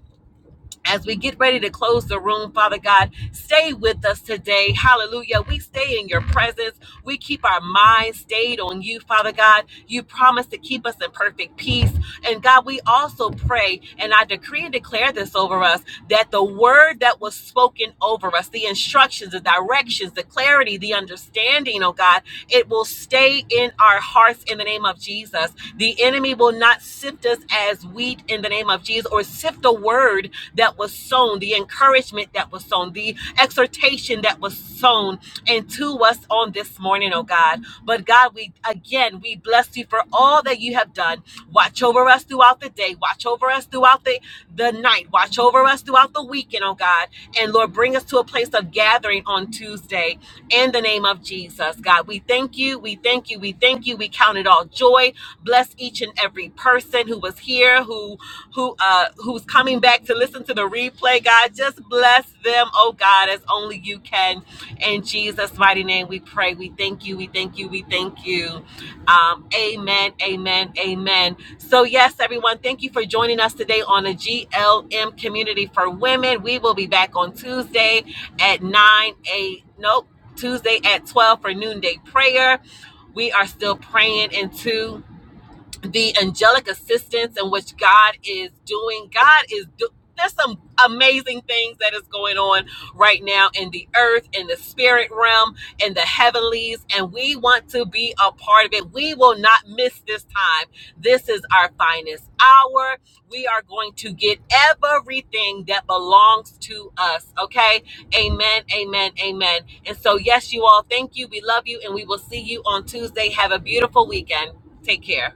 Speaker 3: as we get ready to close the room, Father God, stay with us today. Hallelujah. We stay in your presence. We keep our minds stayed on you, Father God. You promise to keep us in perfect peace. And God, we also pray and I decree and declare this over us that the word that was spoken over us, the instructions, the directions, the clarity, the understanding, oh God, it will stay in our hearts in the name of Jesus us. The enemy will not sift us as wheat in the name of Jesus or sift the word that was sown, the encouragement that was sown, the exhortation that was sown into us on this morning, oh God. But God, we again, we bless you for all that you have done. Watch over us throughout the day, watch over us throughout the, the night, watch over us throughout the weekend, oh God. And Lord, bring us to a place of gathering on Tuesday in the name of Jesus, God. We thank you, we thank you, we thank you. We count it all joy bless each and every person who was here who who uh who's coming back to listen to the replay god just bless them oh god as only you can in jesus mighty name we pray we thank you we thank you we thank you um amen amen amen so yes everyone thank you for joining us today on the glm community for women we will be back on tuesday at 9 8 nope tuesday at 12 for noonday prayer we are still praying into the angelic assistance in which God is doing. God is do- there's some amazing things that is going on right now in the earth, in the spirit realm, in the heavenlies, and we want to be a part of it. We will not miss this time. This is our finest hour. We are going to get everything that belongs to us. Okay. Amen. Amen. Amen. And so, yes, you all, thank you. We love you, and we will see you on Tuesday. Have a beautiful weekend. Take care.